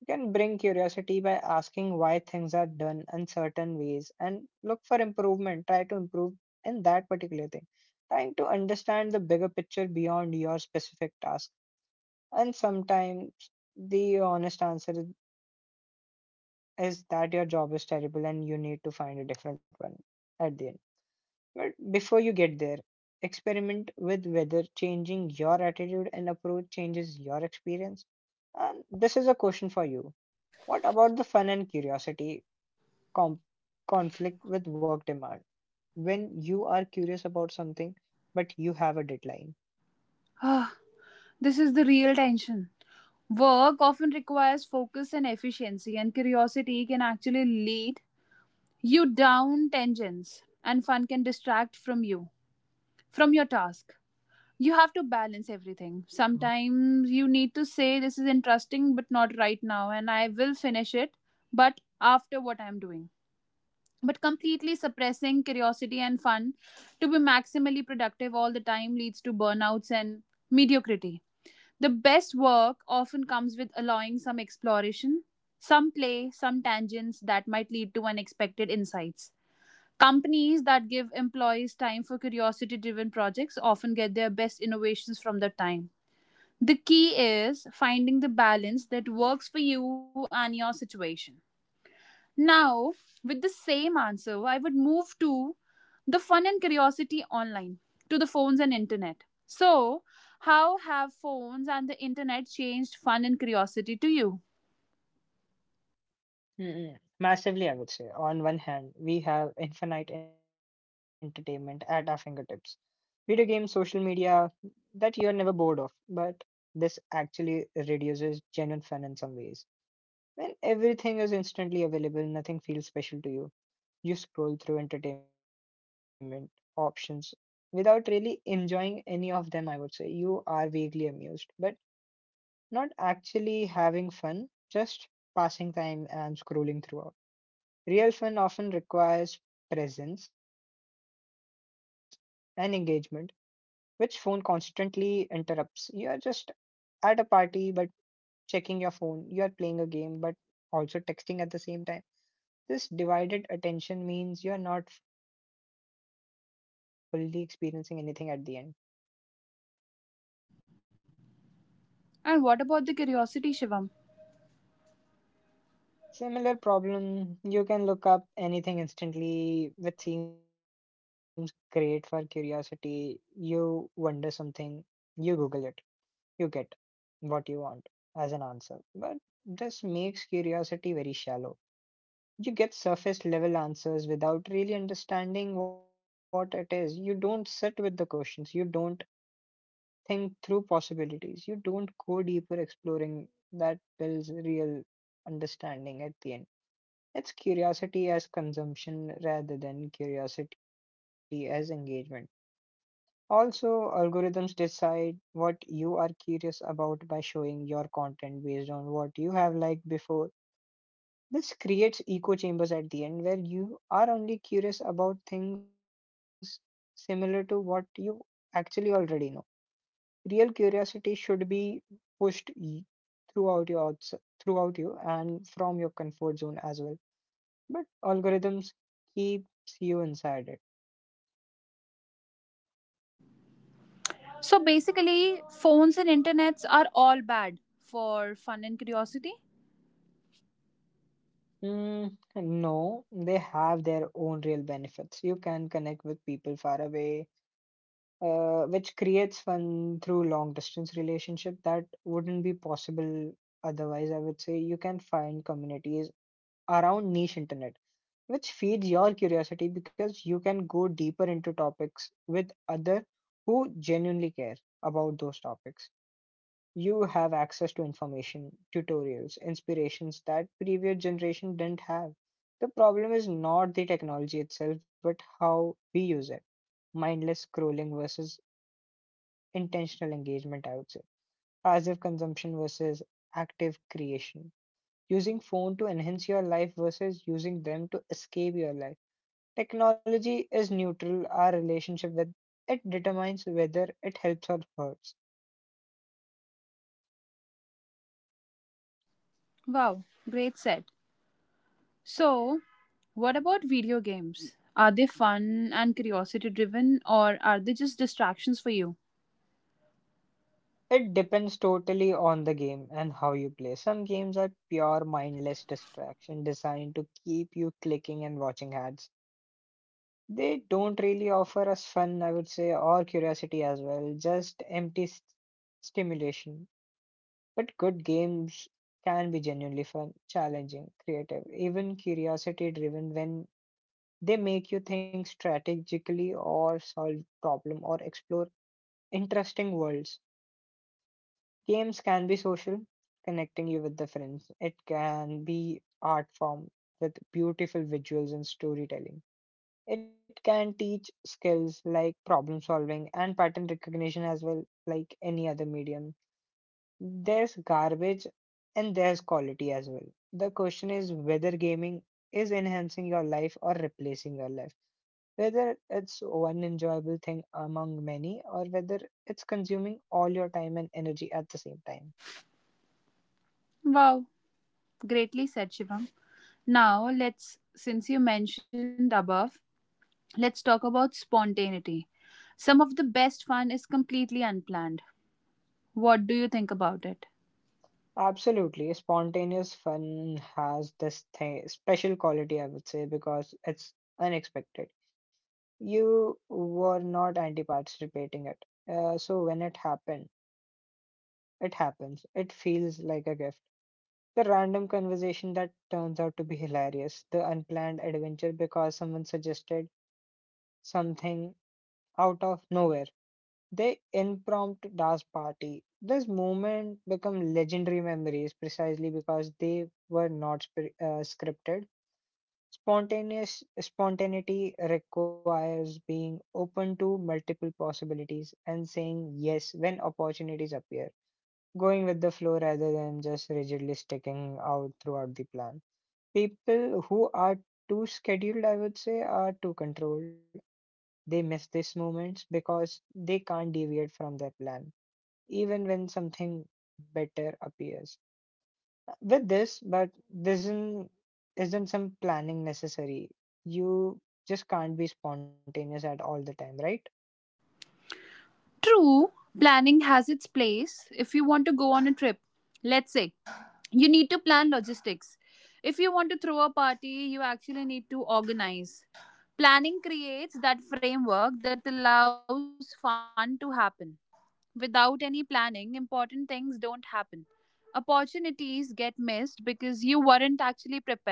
Speaker 1: You can bring curiosity by asking why things are done in certain ways and look for improvement. Try to improve in that particular thing. Trying to understand the bigger picture beyond your specific task. And sometimes the honest answer is is that your job is terrible and you need to find a different one at the end. But before you get there, experiment with whether changing your attitude and approach changes your experience. And this is a question for you. What about the fun and curiosity? com- conflict with work demand. When you are curious about something, but you have a deadline.
Speaker 2: Ah, this is the real tension. Work often requires focus and efficiency, and curiosity can actually lead you down tangents, and fun can distract from you, from your task. You have to balance everything. Sometimes you need to say this is interesting but not right now and I will finish it but after what I'm doing. But completely suppressing curiosity and fun to be maximally productive all the time leads to burnouts and mediocrity. The best work often comes with allowing some exploration, some play, some tangents that might lead to unexpected insights. Companies that give employees time for curiosity driven projects often get their best innovations from that time. The key is finding the balance that works for you and your situation. Now, with the same answer, I would move to the fun and curiosity online, to the phones and internet. So, how have phones and the internet changed fun and curiosity to you?
Speaker 1: Mm-mm. Massively, I would say. On one hand, we have infinite entertainment at our fingertips, video games, social media that you're never bored of. But this actually reduces genuine fun in some ways. When everything is instantly available, nothing feels special to you. You scroll through entertainment options without really enjoying any of them, I would say. You are vaguely amused, but not actually having fun, just passing time and scrolling throughout. Real fun often requires presence and engagement, which phone constantly interrupts. You are just at a party, but checking your phone. You are playing a game, but also texting at the same time. This divided attention means you are not fully experiencing anything at the end.
Speaker 2: And what about the curiosity, Shivam?
Speaker 1: Similar problem, you can look up anything instantly which seems great for curiosity. You wonder something, you Google it, you get what you want as an answer. But this makes curiosity very shallow. You get surface level answers without really understanding what it is. You don't sit with the questions, you don't think through possibilities, you don't go deeper exploring that builds real understanding at the end. It's curiosity as consumption rather than curiosity as engagement. Also, algorithms decide what you are curious about by showing your content based on what you have liked before. This creates echo chambers at the end where you are only curious about things similar to what you actually already know. Real curiosity should be pushed y- throughout your outs- throughout you and from your comfort zone as well, but algorithms keeps you inside it.
Speaker 2: So basically, phones and internets are all bad for fun and curiosity.
Speaker 1: Mm, no, they have their own real benefits. You can connect with people far away, uh, which creates fun through long distance relationship that wouldn't be possible otherwise. I would say you can find communities around niche internet, which feeds your curiosity because you can go deeper into topics with other who genuinely care about those topics. You have access to information, tutorials, inspirations that previous generation didn't have. The problem is not the technology itself, but how we use it. Mindless scrolling versus intentional engagement, I would say. Passive consumption versus active creation. Using phone to enhance your life versus using them to escape your life. Technology is neutral. Our relationship with it determines whether it helps or hurts.
Speaker 2: Wow, great set. So, what about video games? Are they fun and curiosity driven or are they just distractions for you?
Speaker 1: It depends totally on the game and how you play. Some games are pure mindless distraction designed to keep you clicking and watching ads. They don't really offer us fun, I would say, or curiosity as well, just empty st- stimulation. But good games can be genuinely fun, challenging, creative, even curiosity driven when they make you think strategically or solve problem or explore interesting worlds. Games can be social, connecting you with the friends. It can be art form with beautiful visuals and storytelling. It can teach skills like problem solving and pattern recognition as well, like any other medium. There's garbage and there's quality as well. The question is whether gaming is enhancing your life or replacing your life. Whether it's one enjoyable thing among many or whether it's consuming all your time and energy at the same time.
Speaker 2: Wow, greatly said, Shivam. Now, let's, since you mentioned above, let's talk about spontaneity. Some of the best fun is completely unplanned. What do you think about it?
Speaker 1: Absolutely. Spontaneous fun has this thing, special quality, I would say, because it's unexpected. You were not anti-participating it. Uh, so when it happened, it happens. It feels like a gift. The random conversation that turns out to be hilarious. The unplanned adventure because someone suggested something out of nowhere. The impromptu dance party. This moment become legendary memories precisely because they were not spri- uh, scripted. Spontaneous spontaneity requires being open to multiple possibilities and saying yes when opportunities appear. Going with the flow rather than just rigidly sticking out throughout the plan. People who are too scheduled, I would say, are too controlled. They miss these moments because they can't deviate from their plan even when something better appears. With this, but this isn't, isn't some planning necessary. You just can't be spontaneous at all the time, right?
Speaker 2: True, planning has its place. If you want to go on a trip, let's say you need to plan logistics. If you want to throw a party, you actually need to organize. Planning creates that framework that allows fun to happen. Without any planning, important things don't happen. Opportunities get missed because you weren't actually prepared.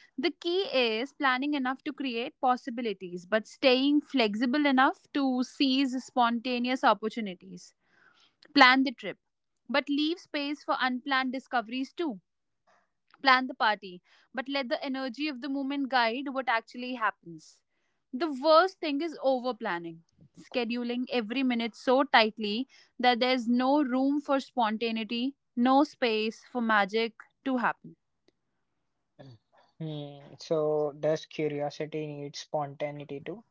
Speaker 2: The key is planning enough to create possibilities, but staying flexible enough to seize spontaneous opportunities. Plan the trip, but leave space for unplanned discoveries too. Plan the party, but let the energy of the moment guide what actually happens. The worst thing is over planning, scheduling every minute so tightly that there's no room for spontaneity, no space for magic to happen.
Speaker 1: Hmm. So does curiosity need spontaneity too?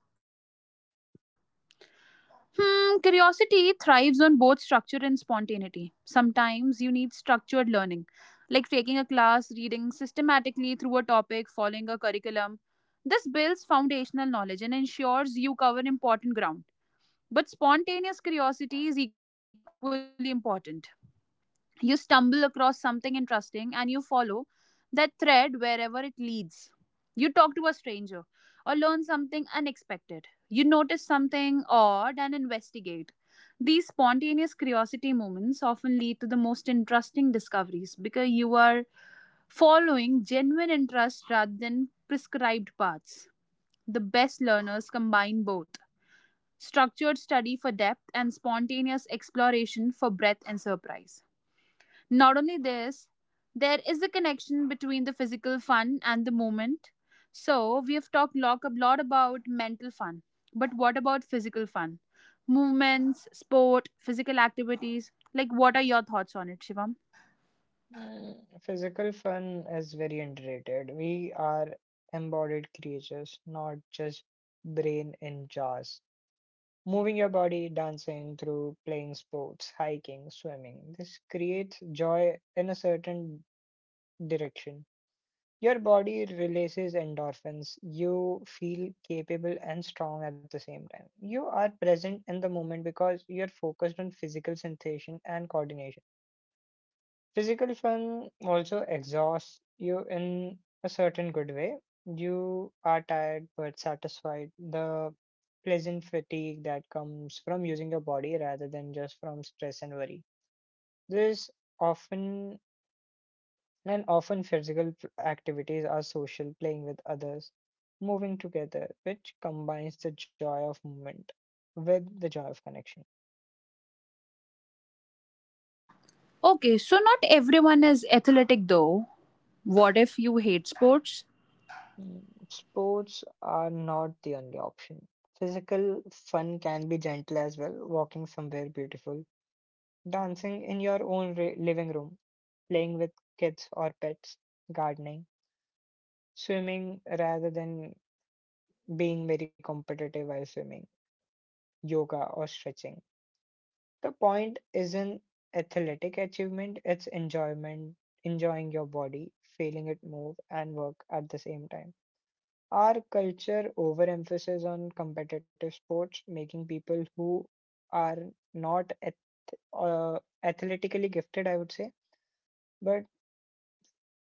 Speaker 2: Hmm, curiosity thrives on both structure and spontaneity. Sometimes you need structured learning, like taking a class, reading systematically through a topic, following a curriculum. This builds foundational knowledge and ensures you cover important ground. But spontaneous curiosity is equally important. You stumble across something interesting and you follow that thread wherever it leads. You talk to a stranger or learn something unexpected. You notice something odd and investigate. These spontaneous curiosity moments often lead to the most interesting discoveries because you are following genuine interest rather than prescribed paths. The best learners combine both structured study for depth and spontaneous exploration for breadth and surprise. Not only this, there is a connection between the physical fun and the moment. So, we have talked lot, a lot about mental fun, but what about physical fun? Movements, sport, physical activities. Like, what are your thoughts on it, Shivam?
Speaker 1: Mm, Physical fun is very underrated. We are embodied creatures, not just brain in jars. Moving your body, dancing through playing sports, hiking, swimming. This creates joy in a certain direction. Your body releases endorphins. You feel capable and strong at the same time. You are present in the moment because you're focused on physical sensation and coordination. Physical fun also exhausts you in a certain good way. You are tired but satisfied. The pleasant fatigue that comes from using your body rather than just from stress and worry. This often and often physical p- activities are social, playing with others, moving together, which combines the joy of movement with the joy of connection.
Speaker 2: Okay, so not everyone is athletic though. What if you hate sports?
Speaker 1: Mm, Sports are not the only option. Physical fun can be gentle as well, walking somewhere beautiful, dancing in your own ri- living room, playing with kids or pets, gardening, swimming rather than being very competitive while swimming, yoga or stretching. The point isn't athletic achievement, it's enjoyment, enjoying your body, feeling it move and work at the same time. Our culture overemphasis on competitive sports, making people who are not ath- uh, athletically gifted, I would say, but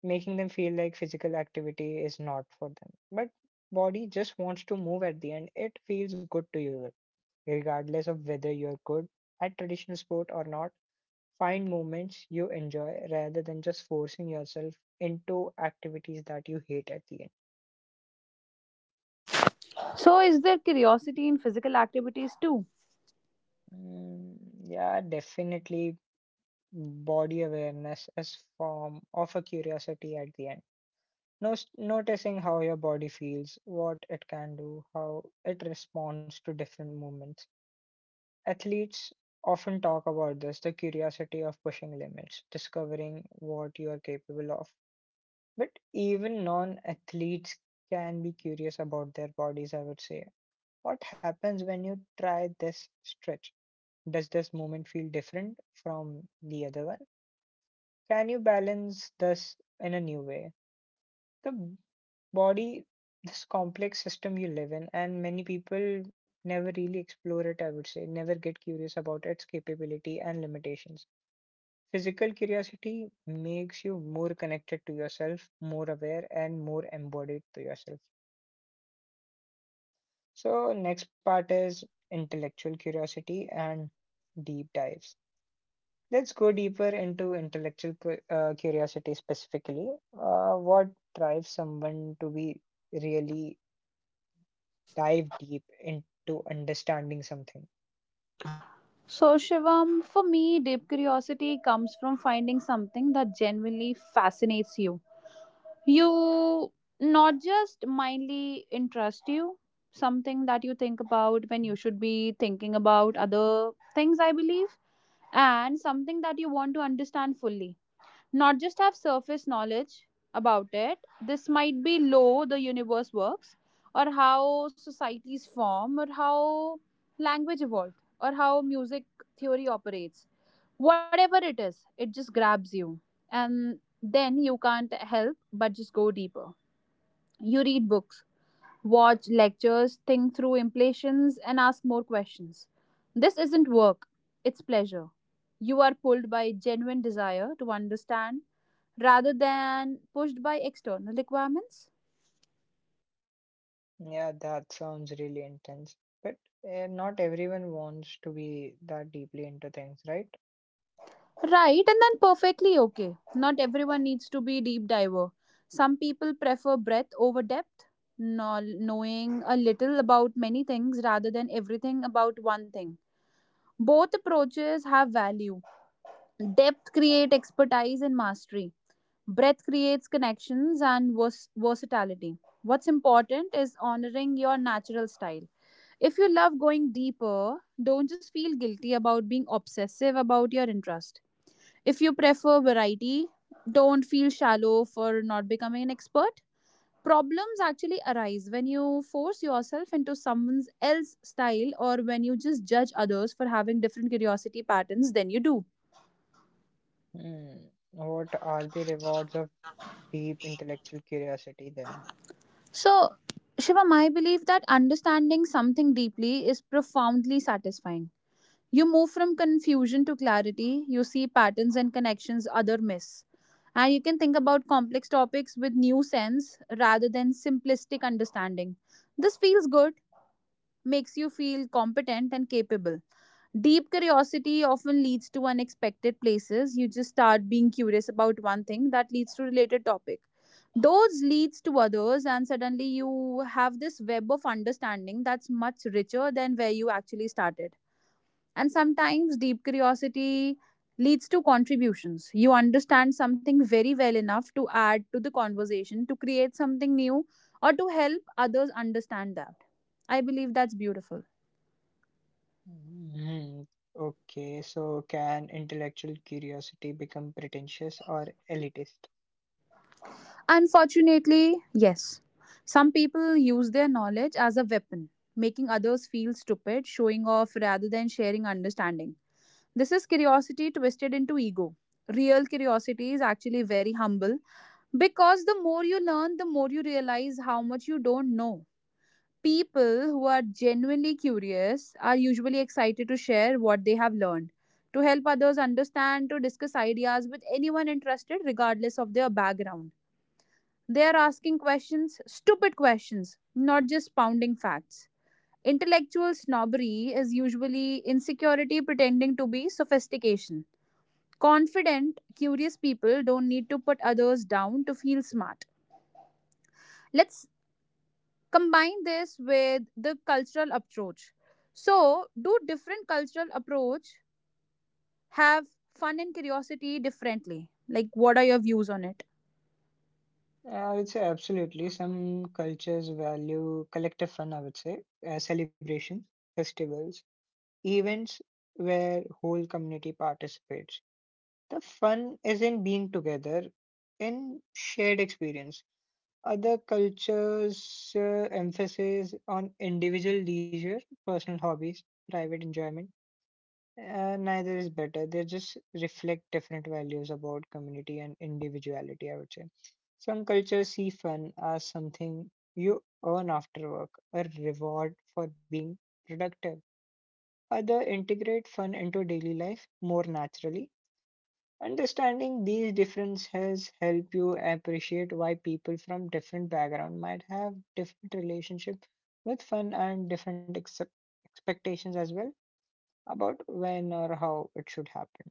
Speaker 1: making them feel like physical activity is not for them. But body just wants to move at the end. It feels good to you, regardless of whether you're good at traditional sport or not. Find moments you enjoy rather than just forcing yourself into activities that you hate at the end.
Speaker 2: So, is there curiosity in physical activities too?
Speaker 1: Mm, yeah, definitely body awareness as form of a curiosity at the end. Nos- noticing how your body feels, what it can do, how it responds to different movements. Athletes often talk about this, the curiosity of pushing limits, discovering what you are capable of, but even non-athletes can be curious about their bodies, I would say. What happens when you try this stretch? Does this movement feel different from the other one? Can you balance this in a new way? The body, this complex system you live in, and many people never really explore it, I would say, never get curious about its capability and limitations. Physical curiosity makes you more connected to yourself, more aware, and more embodied to yourself. So, next part is intellectual curiosity and deep dives. Let's go deeper into intellectual cu- uh, curiosity specifically. Uh, what drives someone to be really dive deep into understanding something?
Speaker 2: So, Shivam, for me, deep curiosity comes from finding something that genuinely fascinates you you, not just mindly interest you, something that you think about when you should be thinking about other things, I believe, and something that you want to understand fully, not just have surface knowledge about it. This might be low the universe works, or how societies form, or how language evolved, or how music theory operates. Whatever it is, it just grabs you, and then you can't help but just go deeper. You read books, watch lectures, think through implications, and ask more questions. This isn't work, it's pleasure. You are pulled by genuine desire to understand rather than pushed by external requirements.
Speaker 1: Yeah, that sounds really intense, but uh, not everyone wants to be that deeply into things, right?
Speaker 2: Right, and then perfectly okay. Not everyone needs to be deep diver. Some people prefer breadth over depth, no, knowing a little about many things rather than everything about one thing. Both approaches have value. Depth creates expertise and mastery. Breadth creates connections and vers- versatility. What's important is honoring your natural style. If you love going deeper, don't just feel guilty about being obsessive about your interest. If you prefer variety, don't feel shallow for not becoming an expert. Problems actually arise when you force yourself into someone else's style or when you just judge others for having different curiosity patterns than you do.
Speaker 1: Hmm. What are the rewards of deep intellectual curiosity then?
Speaker 2: So, Shivam, I believe that understanding something deeply is profoundly satisfying. You move from confusion to clarity, you see patterns and connections other miss. And you can think about complex topics with new sense rather than simplistic understanding. This feels good, makes you feel competent and capable. Deep curiosity often leads to unexpected places. You just start being curious about one thing that leads to related topic. Those leads to others and suddenly you have this web of understanding that's much richer than where you actually started. And sometimes deep curiosity leads to contributions. You understand something very well enough to add to the conversation, to create something new, or to help others understand that. I believe that's beautiful.
Speaker 1: Hmm. Okay, so can intellectual curiosity become pretentious or elitist?
Speaker 2: Unfortunately, yes. Some people use their knowledge as a weapon, making others feel stupid, showing off rather than sharing understanding. This is curiosity twisted into ego. Real curiosity is actually very humble. Because the more you learn, the more you realize how much you don't know. People who are genuinely curious are usually excited to share what they have learned, to help others understand, to discuss ideas with anyone interested, regardless of their background. They are asking questions, stupid questions, not just pounding facts. Intellectual snobbery is usually insecurity pretending to be sophistication. Confident, curious people don't need to put others down to feel smart. Let's combine this with the cultural approach. So, do different cultural approach have fun and curiosity differently? Like, what are your views on it?
Speaker 1: Yeah, I would say absolutely. Some cultures value collective fun, I would say, uh, celebrations, festivals, events where whole community participates. The fun is in being together, in shared experience. Other cultures uh, emphasis on individual leisure, personal hobbies, private enjoyment. Uh, neither is better. They just reflect different values about community and individuality, I would say. Some cultures see fun as something you earn after work, a reward for being productive. Other integrate fun into daily life more naturally. Understanding these differences help you appreciate why people from different background might have different relationship with fun and different ex- expectations as well about when or how it should happen.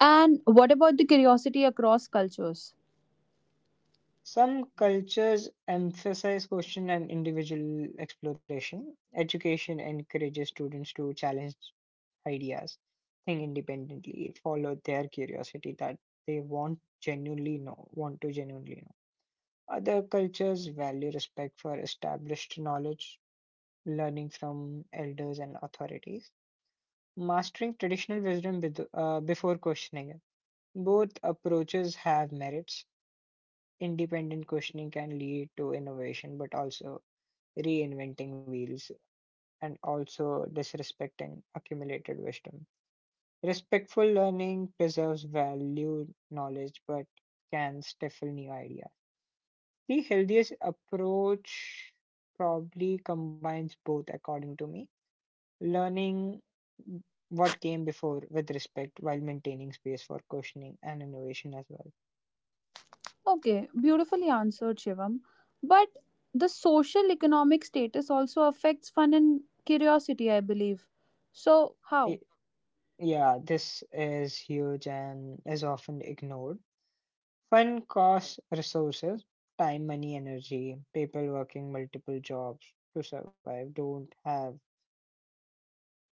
Speaker 2: And what about the curiosity across cultures?
Speaker 1: Some cultures emphasize question and individual exploration. Education encourages students to challenge ideas, think independently, follow their curiosity that they want genuinely know, want to genuinely know. Other cultures value respect for established knowledge, learning from elders and authorities, mastering traditional wisdom with uh, before questioning it. Both approaches have merits. Independent questioning can lead to innovation, but also reinventing wheels and also disrespecting accumulated wisdom. Respectful learning preserves value knowledge but can stifle new ideas. The healthiest approach probably combines both, according to me. Learning what came before with respect while maintaining space for questioning and innovation as well.
Speaker 2: Okay, beautifully answered, Shivam, but the social economic status also affects fun and curiosity, I believe. So, how?
Speaker 1: Yeah, this is huge and is often ignored. Fun costs resources, time, money, energy. People working multiple jobs to survive don't have,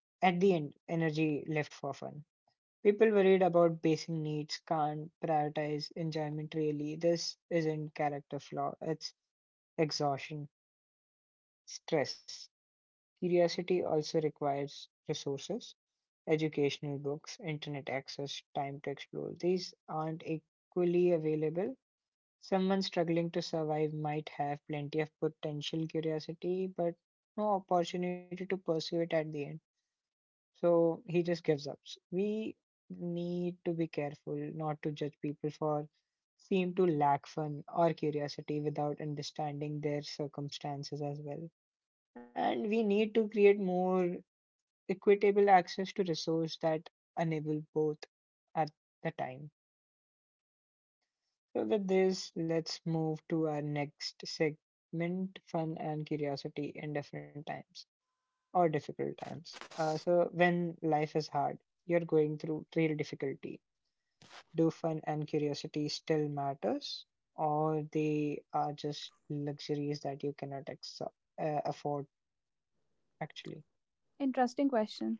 Speaker 1: at the end, energy left for fun. People worried about basic needs can't prioritize enjoyment really. This isn't character flaw, it's exhaustion, stress. Curiosity also requires resources, educational books, internet access, time to explore. These aren't equally available. Someone struggling to survive might have plenty of potential curiosity, but no opportunity to pursue it at the end. So he just gives up. S- We need to be careful not to judge people for seem to lack fun or curiosity without understanding their circumstances as well. And we need to create more equitable access to resources that enable both at the time. So with this, let's move to our next segment, fun and curiosity in different times or difficult times. Uh, so when life is hard, you're going through real difficulty. Do fun and curiosity still matters, or they are just luxuries that you cannot ex- uh, afford actually?
Speaker 2: Interesting question.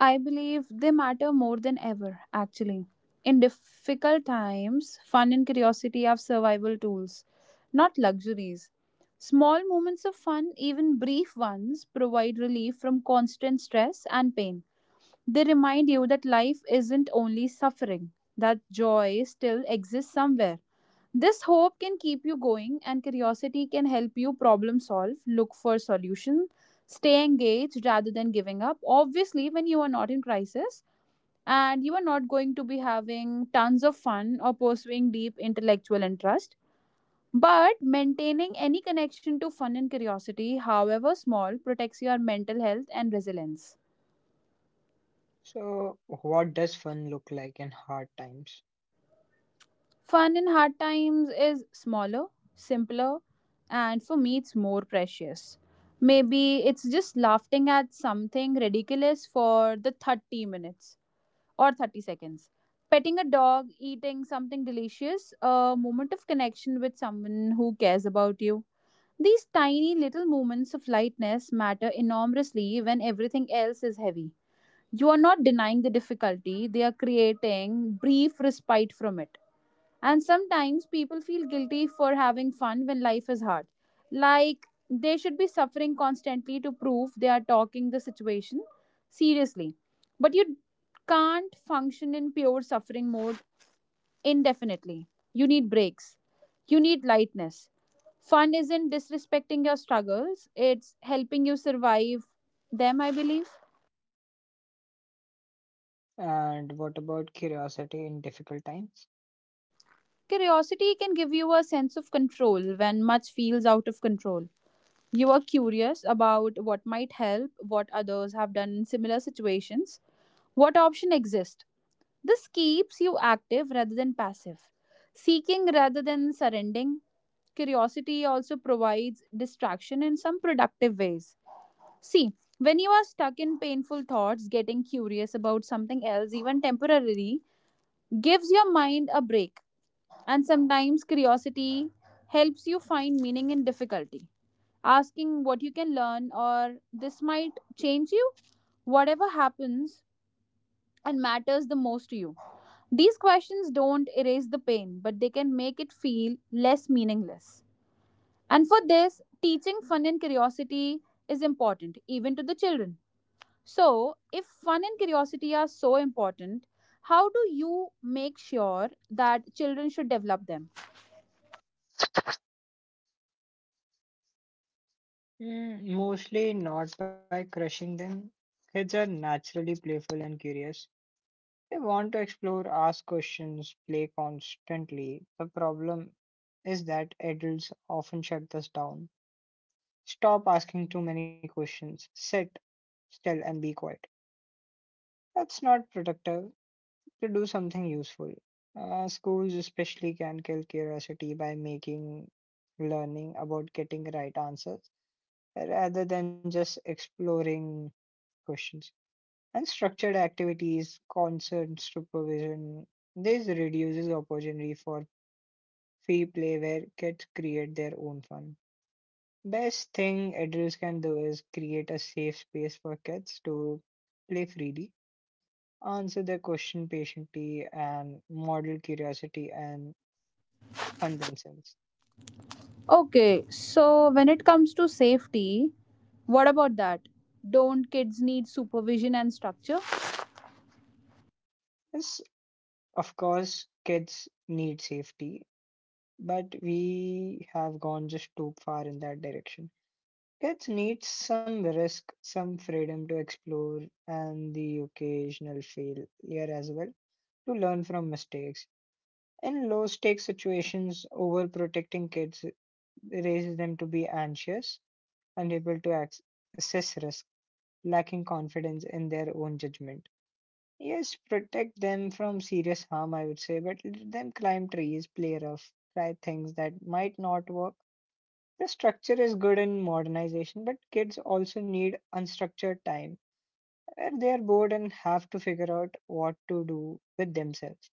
Speaker 2: I believe they matter more than ever, actually. In difficult times, fun and curiosity are survival tools, not luxuries. Small moments of fun, even brief ones, provide relief from constant stress and pain. They remind you that life isn't only suffering, that joy still exists somewhere. This hope can keep you going, and curiosity can help you problem solve, look for solutions, stay engaged rather than giving up. Obviously, when you are not in crisis and you are not going to be having tons of fun or pursuing deep intellectual interest, but maintaining any connection to fun and curiosity, however small, protects your mental health and resilience.
Speaker 1: So what does fun look like in hard times?
Speaker 2: Fun in hard times is smaller, simpler, and for me, it's more precious. Maybe it's just laughing at something ridiculous for the thirty minutes or thirty seconds. Petting a dog, eating something delicious, a moment of connection with someone who cares about you. These tiny little moments of lightness matter enormously when everything else is heavy. You are not denying the difficulty, they are creating brief respite from it. And sometimes people feel guilty for having fun when life is hard. Like they should be suffering constantly to prove they are talking the situation seriously. But you can't function in pure suffering mode indefinitely. You need breaks. You need lightness. Fun isn't disrespecting your struggles, it's helping you survive them, I believe.
Speaker 1: And what about curiosity in difficult times?
Speaker 2: Curiosity can give you a sense of control when much feels out of control. You are curious about what might help, what others have done in similar situations, what option exists? This keeps you active rather than passive, seeking rather than surrendering. Curiosity also provides distraction in some productive ways. See, when you are stuck in painful thoughts, getting curious about something else, even temporarily, gives your mind a break. And sometimes curiosity helps you find meaning in difficulty asking what you can learn or this might change you. Whatever happens and matters the most to you. These questions don't erase the pain, but they can make it feel less meaningless. And for this, teaching fun and curiosity is important, even to the children. So, if fun and curiosity are so important, how do you make sure that children should develop them?
Speaker 1: Mm, mostly not by crushing them. Kids are naturally playful and curious. They want to explore, ask questions, play constantly. The problem is that adults often shut us down. Stop asking too many questions. Sit still and be quiet. That's not productive to do something useful. Uh, schools especially can kill curiosity by making learning about getting right answers rather than just exploring questions. And structured activities, concert supervision, this reduces opportunity for free play where kids create their own fun. Best thing adults can do is create a safe space for kids to play freely, answer their question patiently, and model curiosity and fun themselves.
Speaker 2: Okay, so when it comes to safety, what about that? Don't kids need supervision and structure?
Speaker 1: Yes, of course, kids need safety, but we have gone just too far in that direction. Kids need some risk, some freedom to explore, and the occasional failure as well to learn from mistakes. In low stakes situations, overprotecting kids raises them to be anxious, unable to ac- assess risk, lacking confidence in their own judgment. Yes, protect them from serious harm, I would say, but let them climb trees, play rough, try things that might not work. The structure is good in modernization, but kids also need unstructured time where they are bored and have to figure out what to do with themselves.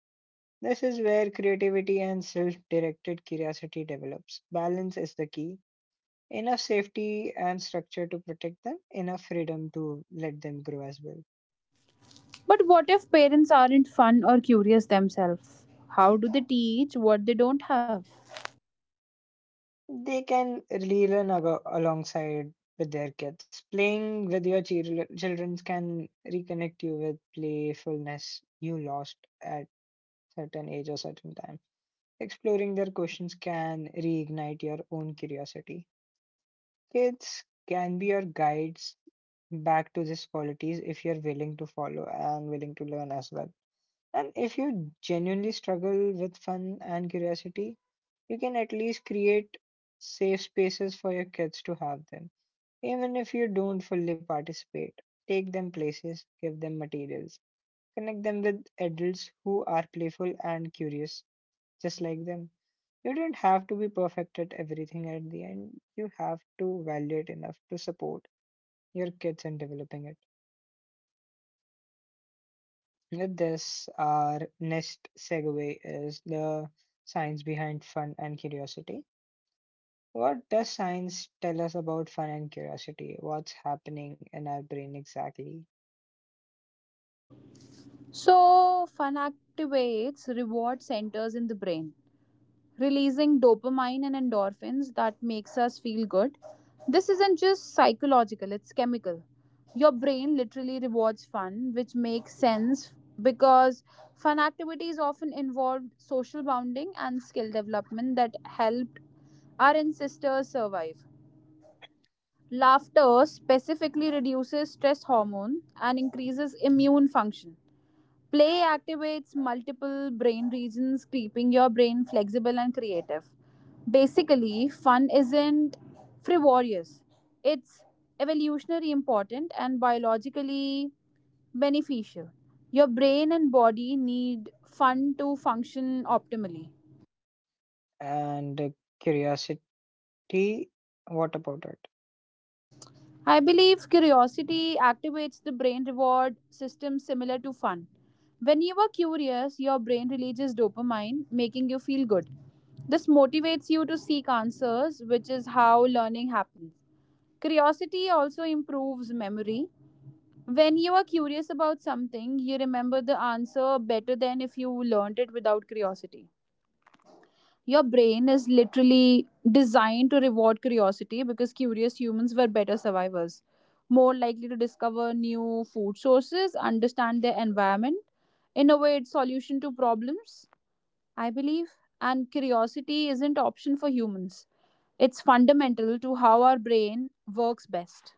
Speaker 1: This is where creativity and self directed curiosity develops. Balance is the key. Enough safety and structure to protect them, enough freedom to let them grow as well.
Speaker 2: But what if parents aren't fun or curious themselves? How do they teach what they don't have?
Speaker 1: They can relearn ag- alongside with their kids. Playing with your chil- children can reconnect you with playfulness you lost at certain age or certain time. Exploring their questions can reignite your own curiosity. Kids can be your guides back to these qualities if you're willing to follow and willing to learn as well. And if you genuinely struggle with fun and curiosity, you can at least create safe spaces for your kids to have them. Even if you don't fully participate, take them places, give them materials, connect them with adults who are playful and curious, just like them. You don't have to be perfect at everything at the end. You have to value it enough to support your kids in developing it. With this, our next segue is the science behind fun and curiosity. What does science tell us about fun and curiosity? What's happening in our brain exactly?
Speaker 2: So, fun activates reward centers in the brain, releasing dopamine and endorphins that makes us feel good. This isn't just psychological, it's chemical. Your brain literally rewards fun, which makes sense because fun activities often involved social bonding and skill development that helped our ancestors survive. Laughter specifically reduces stress hormone and increases immune function. Play activates multiple brain regions, keeping your brain flexible and creative. Basically, fun isn't frivolous, it's evolutionary important and biologically beneficial. Your brain and body need fun to function optimally.
Speaker 1: And uh, curiosity, what about it?
Speaker 2: I believe curiosity activates the brain reward system similar to fun. When you are curious, your brain releases dopamine, making you feel good. This motivates you to seek answers, which is how learning happens. Curiosity also improves memory. When you are curious about something, you remember the answer better than if you learned it without curiosity. Your brain is literally designed to reward curiosity because curious humans were better survivors, more likely to discover new food sources, understand their environment, innovate solution to problems, I believe. And curiosity isn't option for humans. It's fundamental to how our brain works best.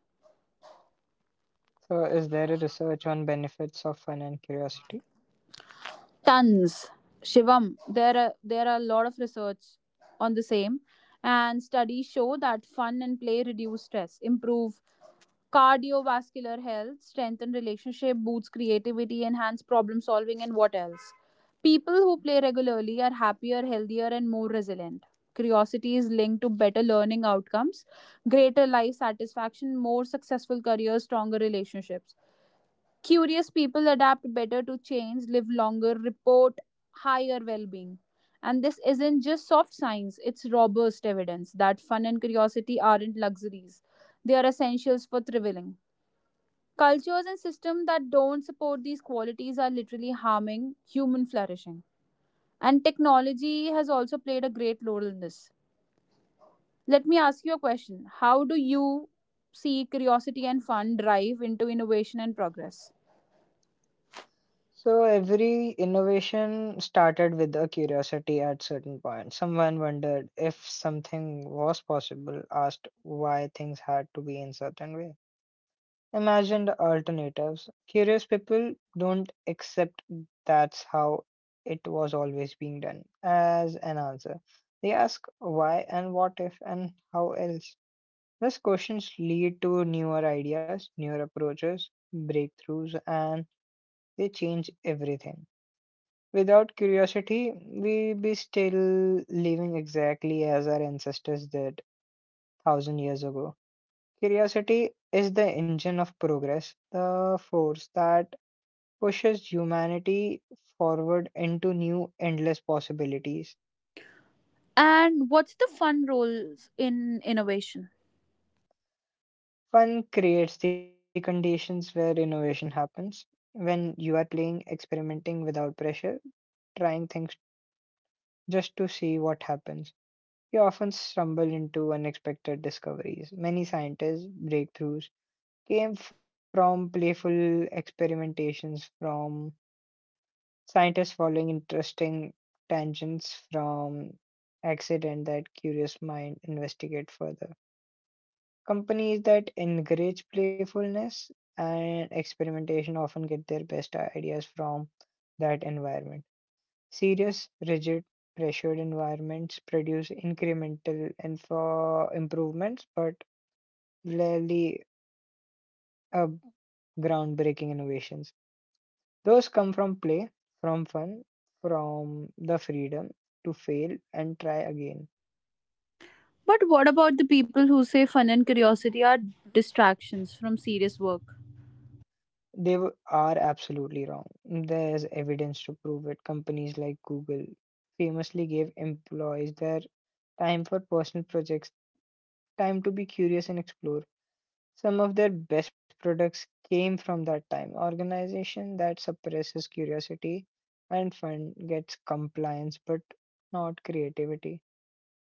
Speaker 1: So, is there a research on benefits of fun and curiosity?
Speaker 2: Tons. Shivam, there are there are a lot of research on the same, and studies show that fun and play reduce stress, improve cardiovascular health, strengthen relationship, boosts creativity, enhance problem solving, and what else? People who play regularly are happier, healthier, and more resilient. Curiosity is linked to better learning outcomes, greater life satisfaction, more successful careers, stronger relationships. Curious people adapt better to change, live longer, report higher well being. And this isn't just soft science, it's robust evidence that fun and curiosity aren't luxuries. They are essentials for thriving. Cultures and systems that don't support these qualities are literally harming human flourishing. And technology has also played a great role in this. Let me ask you a question. How do you see curiosity and fun drive into innovation and progress?
Speaker 1: So every innovation started with a curiosity at certain point. Someone wondered if something was possible, asked why things had to be in certain way, imagined alternatives. Curious people don't accept that's how it was always being done as an answer. They ask why and what if and how else. These questions lead to newer ideas, newer approaches, breakthroughs, and they change everything. Without curiosity, we be still living exactly as our ancestors did thousand years ago. Curiosity is the engine of progress, the force that pushes humanity forward into new endless possibilities.
Speaker 2: And what's the fun roles in innovation?
Speaker 1: Fun creates the conditions where innovation happens. When you are playing, experimenting without pressure, trying things just to see what happens. You often stumble into unexpected discoveries. Many scientists' breakthroughs came from playful experimentations, from scientists following interesting tangents, from accident that curious mind investigate further. Companies that encourage playfulness and experimentation often get their best ideas from that environment. Serious, rigid, pressured environments produce incremental info improvements, but rarely uh, groundbreaking innovations. Those come from play, from fun, from the freedom to fail and try again.
Speaker 2: But what about the people who say fun and curiosity are distractions from serious work?
Speaker 1: They w- are absolutely wrong. There's evidence to prove it. Companies like Google famously gave employees their time for personal projects, time to be curious and explore. Some of their best products came from that time. Organization that suppresses curiosity and fun gets compliance but not creativity.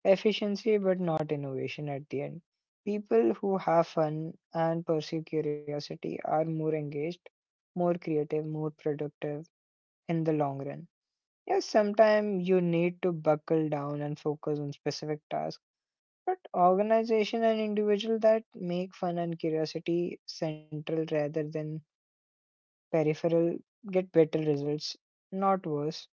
Speaker 1: Efficiency but not innovation at the end. People who have fun and pursue curiosity are more engaged, more creative, more productive in the long run. Yes, sometimes you need to buckle down and focus on specific tasks but organization and individual that make fun and curiosity central rather than peripheral get better results, not worse.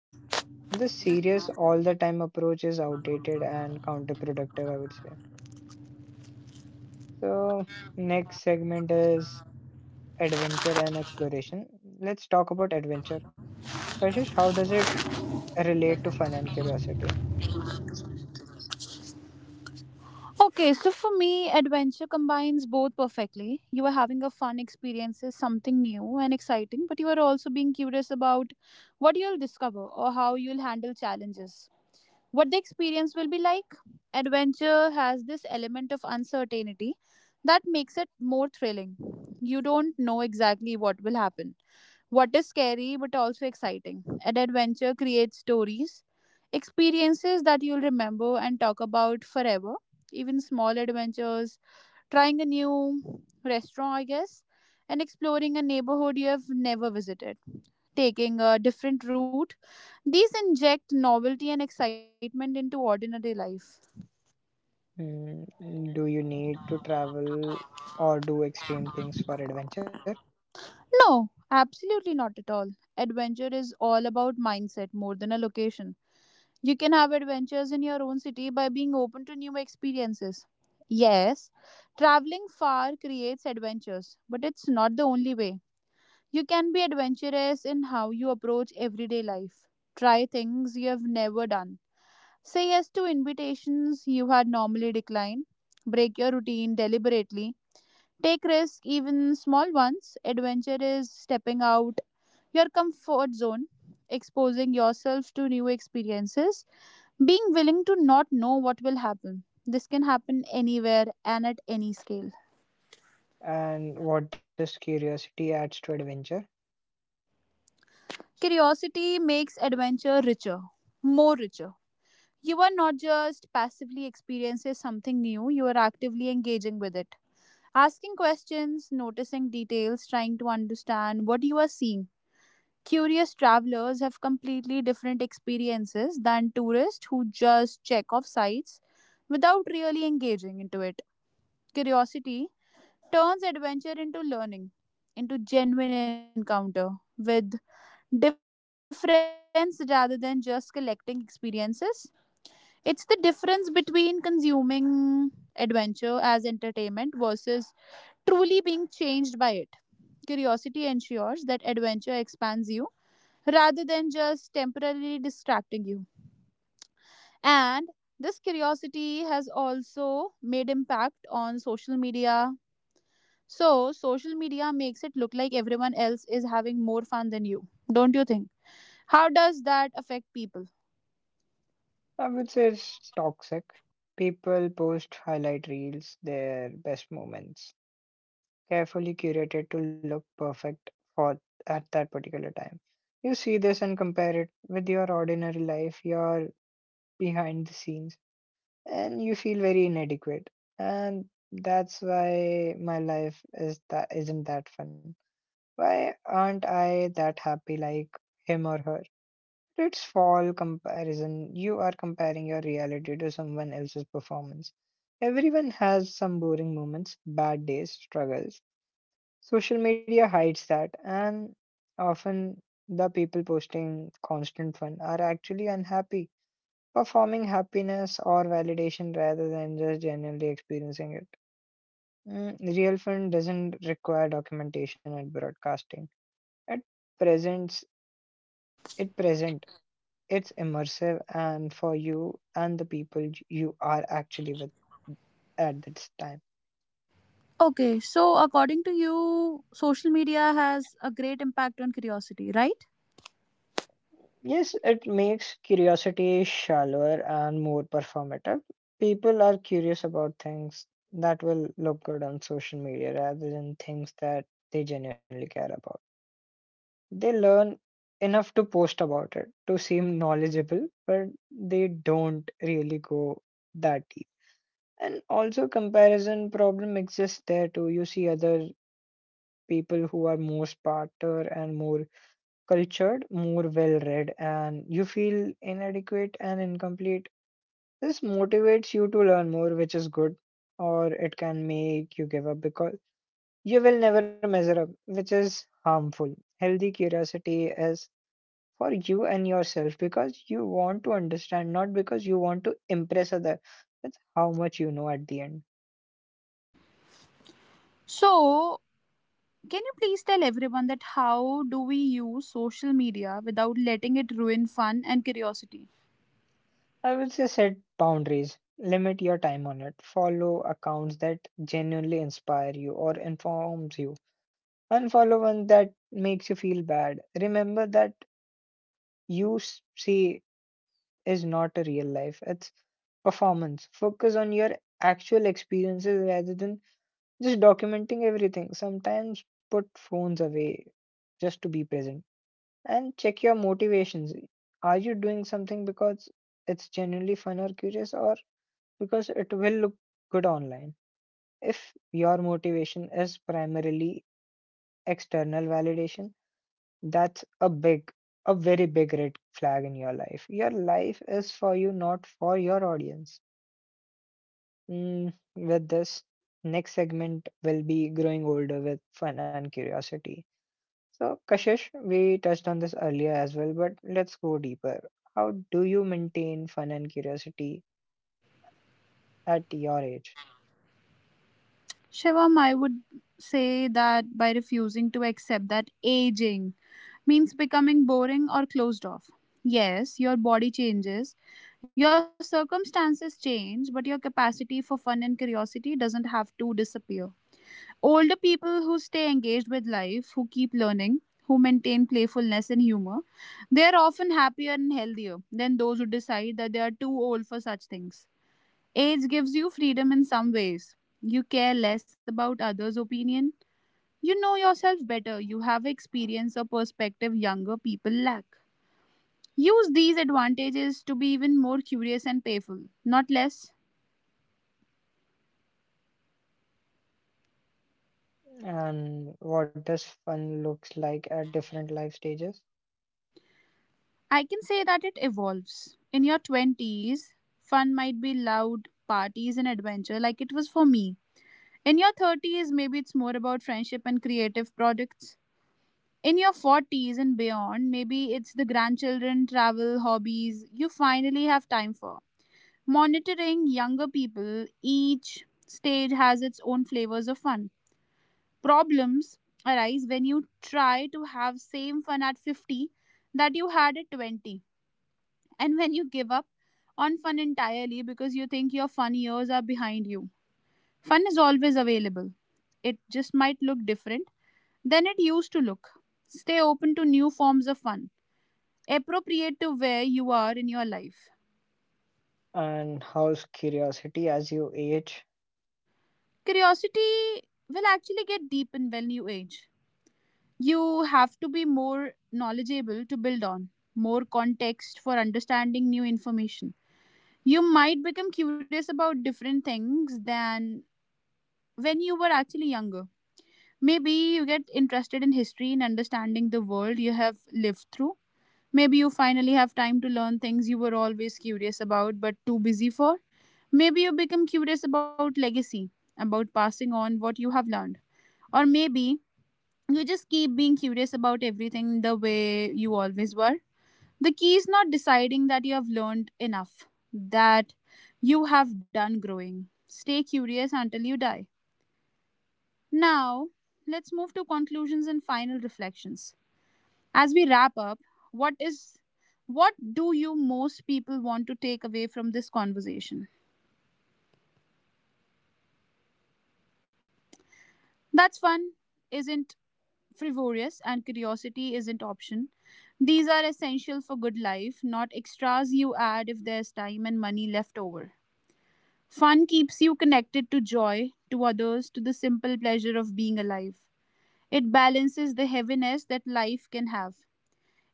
Speaker 1: The serious all the time approach is outdated and counterproductive, I would say. So, next segment is adventure and exploration. Let's talk about adventure. Kashish, how does it relate to fun and curiosity?
Speaker 2: Okay, so for me, adventure combines both perfectly. You are having a fun experience, is something new and exciting, but you are also being curious about what you'll discover or how you'll handle challenges. What the experience will be like. Adventure has this element of uncertainty that makes it more thrilling. You don't know exactly what will happen. What is scary but also exciting? An adventure creates stories, experiences that you'll remember and talk about forever. Even small adventures, trying a new restaurant, I guess, and exploring a neighborhood you have never visited, taking a different route. These inject novelty and excitement into ordinary life.
Speaker 1: Hmm, do you need to travel or do extreme things for adventure?
Speaker 2: No, absolutely not at all. Adventure is all about mindset more than a location. You can have adventures in your own city by being open to new experiences. Yes, traveling far creates adventures, but it's not the only way. You can be adventurous in how you approach everyday life. Try things you have never done. Say yes to invitations you had normally declined. Break your routine deliberately. Take risks, even small ones. Adventure is stepping out your comfort zone, exposing yourself to new experiences being willing to not know what will happen. This can happen anywhere and at any scale.
Speaker 1: And what this curiosity adds to adventure,
Speaker 2: Curiosity makes adventure richer, more richer. You are not just passively experiencing something new, you are actively engaging with it. Asking questions, noticing details, trying to understand what you are seeing. Curious travelers have completely different experiences than tourists who just check off sites without really engaging into it. Curiosity turns adventure into learning, into genuine encounter with difference rather than just collecting experiences. It's the difference between consuming adventure as entertainment versus truly being changed by it. Curiosity ensures that adventure expands you rather than just temporarily distracting you. And this curiosity has also made impact on social media. So, social media makes it look like everyone else is having more fun than you, don't you think? How does that affect people?
Speaker 1: I would say it's toxic. People post highlight reels, their best moments, carefully curated to look perfect for at that particular time. You see this and compare it with your ordinary life, your behind the scenes, and you feel very inadequate. And that's why my life is that isn't that fun. Why aren't I that happy like him or her? It's fall comparison. You are comparing your reality to someone else's performance. Everyone has some boring moments, bad days, struggles. Social media hides that, and often the people posting constant fun are actually unhappy, performing happiness or validation rather than just genuinely experiencing it. Mm, real fun doesn't require documentation and broadcasting. It presents it present It's immersive and for you and the people you are actually with at this time.
Speaker 2: Okay, so according to you, social media has a great impact on curiosity, right?
Speaker 1: Yes, it makes curiosity shallower and more performative. People are curious about things that will look good on social media rather than things that they genuinely care about. They learn enough to post about it to seem knowledgeable, but they don't really go that deep. And also, comparison problem exists there too. You see other people who are more smarter and more cultured, more well read, and you feel inadequate and incomplete. This motivates you to learn more, which is good, or it can make you give up because you will never measure up, which is harmful. Healthy curiosity is for you and yourself because you want to understand, not because you want to impress other. That's how much you know at the end.
Speaker 2: So, can you please tell everyone that how do we use social media without letting it ruin fun and curiosity?
Speaker 1: I would say set boundaries, limit your time on it, follow accounts that genuinely inspire you or informs you, unfollow one that makes you feel bad. Remember that you s- see is not a real life, it's performance. Focus on your actual experiences rather than just documenting everything. Sometimes put phones away just to be present and check your motivations. Are you doing something because it's genuinely fun or curious, or because it will look good online. If your motivation is primarily external validation, that's a big, a very big red flag in your life. Your life is for you, not for your audience. Mm, with this, next segment will be growing older with fun and curiosity. So, Kashish, we touched on this earlier as well, but let's go deeper. How do you maintain fun and curiosity at your age?
Speaker 2: Shivam, I would say that by refusing to accept that aging means becoming boring or closed off. Yes, your body changes, your circumstances change, but your capacity for fun and curiosity doesn't have to disappear. Older people who stay engaged with life, who keep learning, who maintain playfulness and humor, they are often happier and healthier than those who decide that they are too old for such things. Age gives you freedom in some ways. You care less about others' opinion. You know yourself better. You have experience or perspective younger people lack. Use these advantages to be even more curious and playful, not less.
Speaker 1: And what this fun looks like at different life stages.
Speaker 2: I can say that it evolves. In your twenties, fun might be loud, parties, and adventure like it was for me. In your thirties, maybe it's more about friendship and creative products. In your forties and beyond, maybe it's the grandchildren, travel, hobbies you finally have time for. Monitoring younger people, each stage has its own flavors of fun. Problems arise when you try to have same fun at fifty that you had at twenty, and when you give up on fun entirely because you think your fun years are behind you. Fun is always available. It just might look different than it used to look. Stay open to new forms of fun appropriate to where you are in your life.
Speaker 1: And how's curiosity as you age?
Speaker 2: Curiosity will actually get deepened when you age. You have to be more knowledgeable to build on, more context for understanding new information. You might become curious about different things than when you were actually younger. Maybe you get interested in history and understanding the world you have lived through. Maybe you finally have time to learn things you were always curious about but too busy for. Maybe you become curious about legacy, about passing on what you have learned. Or maybe you just keep being curious about everything the way you always were. The key is not deciding that you have learned enough, that you have done growing. Stay curious until you die. Now, let's move to conclusions and final reflections. As we wrap up, what is what do you most people want to take away from this conversation? That's fun isn't frivolous and curiosity isn't option. These are essential for good life, not extras you add if there's time and money left over. Fun keeps you connected to joy, to others, to the simple pleasure of being alive. It balances the heaviness that life can have.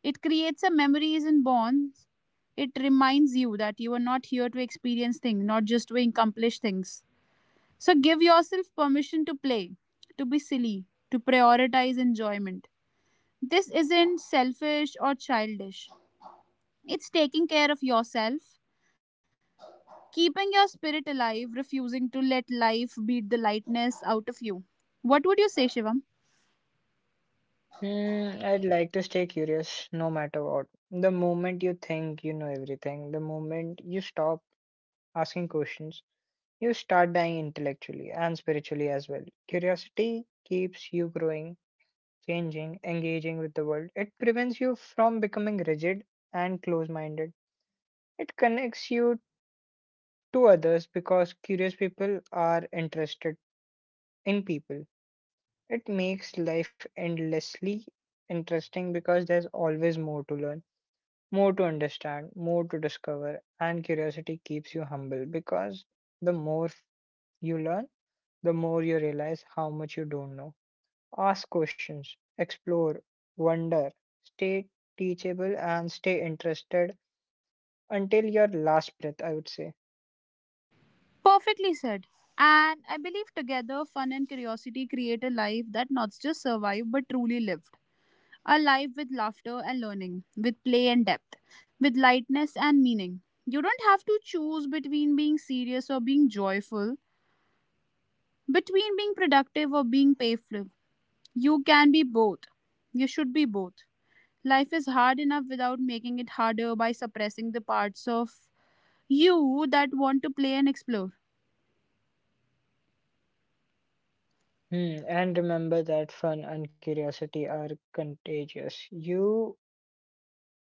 Speaker 2: It creates a memories and bonds. It reminds you that you are not here to experience things, not just to accomplish things. So give yourself permission to play, to be silly, to prioritize enjoyment. This isn't selfish or childish. It's taking care of yourself, keeping your spirit alive, refusing to let life beat the lightness out of you. What would you say, Shivam?
Speaker 1: Hmm, I'd like to stay curious no matter what. The moment you think you know everything, the moment you stop asking questions, you start dying intellectually and spiritually as well. Curiosity keeps you growing, changing, engaging with the world. It prevents you from becoming rigid and close minded. It connects you to others because curious people are interested in people. It makes life endlessly interesting because there's always more to learn, more to understand, more to discover, and curiosity keeps you humble because the more you learn, the more you realize how much you don't know. Ask questions, explore, wonder, stay teachable, and stay interested until your last breath, I would say.
Speaker 2: Perfectly said. And I believe together, fun and curiosity create a life that not just survived but truly lived. A life with laughter and learning, with play and depth, with lightness and meaning. You don't have to choose between being serious or being joyful, between being productive or being playful. You can be both. You should be both. Life is hard enough without making it harder by suppressing the parts of you that want to play and explore.
Speaker 1: Hmm, and remember that fun and curiosity are contagious. You,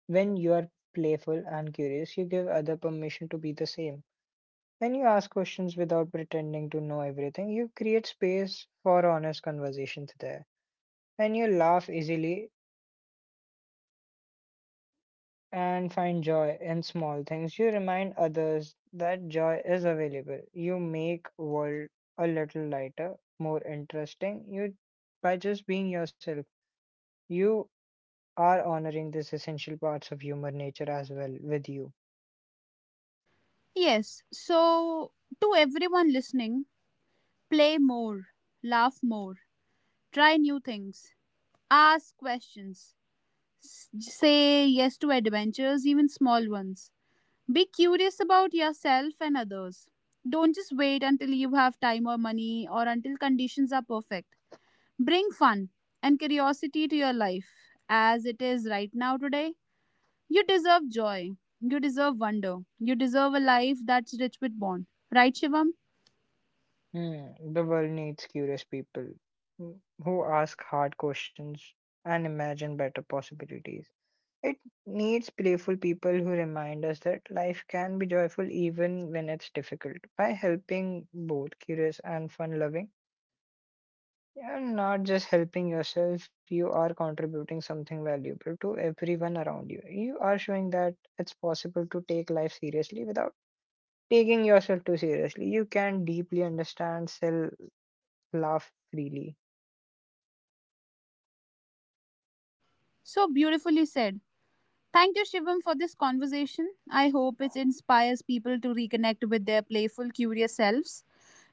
Speaker 1: when you are playful and curious, you give other permission to be the same. When you ask questions without pretending to know everything, you create space for honest conversations there. When you laugh easily and find joy in small things, you remind others that joy is available. You make world a little lighter, more interesting. You by just being yourself. You are honoring these essential parts of human nature as well with you.
Speaker 2: Yes, so to everyone listening, play more, laugh more, try new things, ask questions, s- say yes to adventures, even small ones. Be curious about yourself and others. Don't just wait until you have time or money or until conditions are perfect. Bring fun and curiosity to your life as it is right now today. You deserve joy. You deserve wonder. You deserve a life that's rich with bond. Right, Shivam?
Speaker 1: Hmm, the world needs curious people, mm, who ask hard questions and imagine better possibilities. It needs playful people who remind us that life can be joyful even when it's difficult. By helping both curious and fun loving, you're not just helping yourself, you are contributing something valuable to everyone around you. You are showing that it's possible to take life seriously without taking yourself too seriously. You can deeply understand, still laugh freely.
Speaker 2: So beautifully said. Thank you, Shivam, for this conversation. I hope it inspires people to reconnect with their playful, curious selves,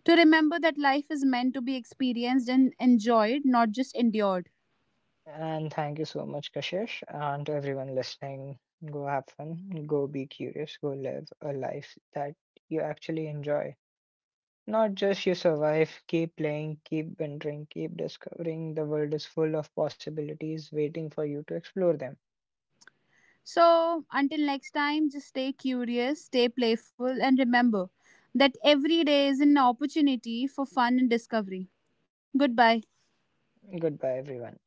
Speaker 2: to remember that life is meant to be experienced and enjoyed, not just endured.
Speaker 1: And thank you so much, Kashish, and to everyone listening. Go have fun, go be curious, go live a life that you actually enjoy. Not just you survive, keep playing, keep wondering, keep discovering. The world is full of possibilities waiting for you to explore them.
Speaker 2: So, until next time, just stay curious, stay playful, and remember that every day is an opportunity for fun and discovery. Goodbye.
Speaker 1: Goodbye, everyone.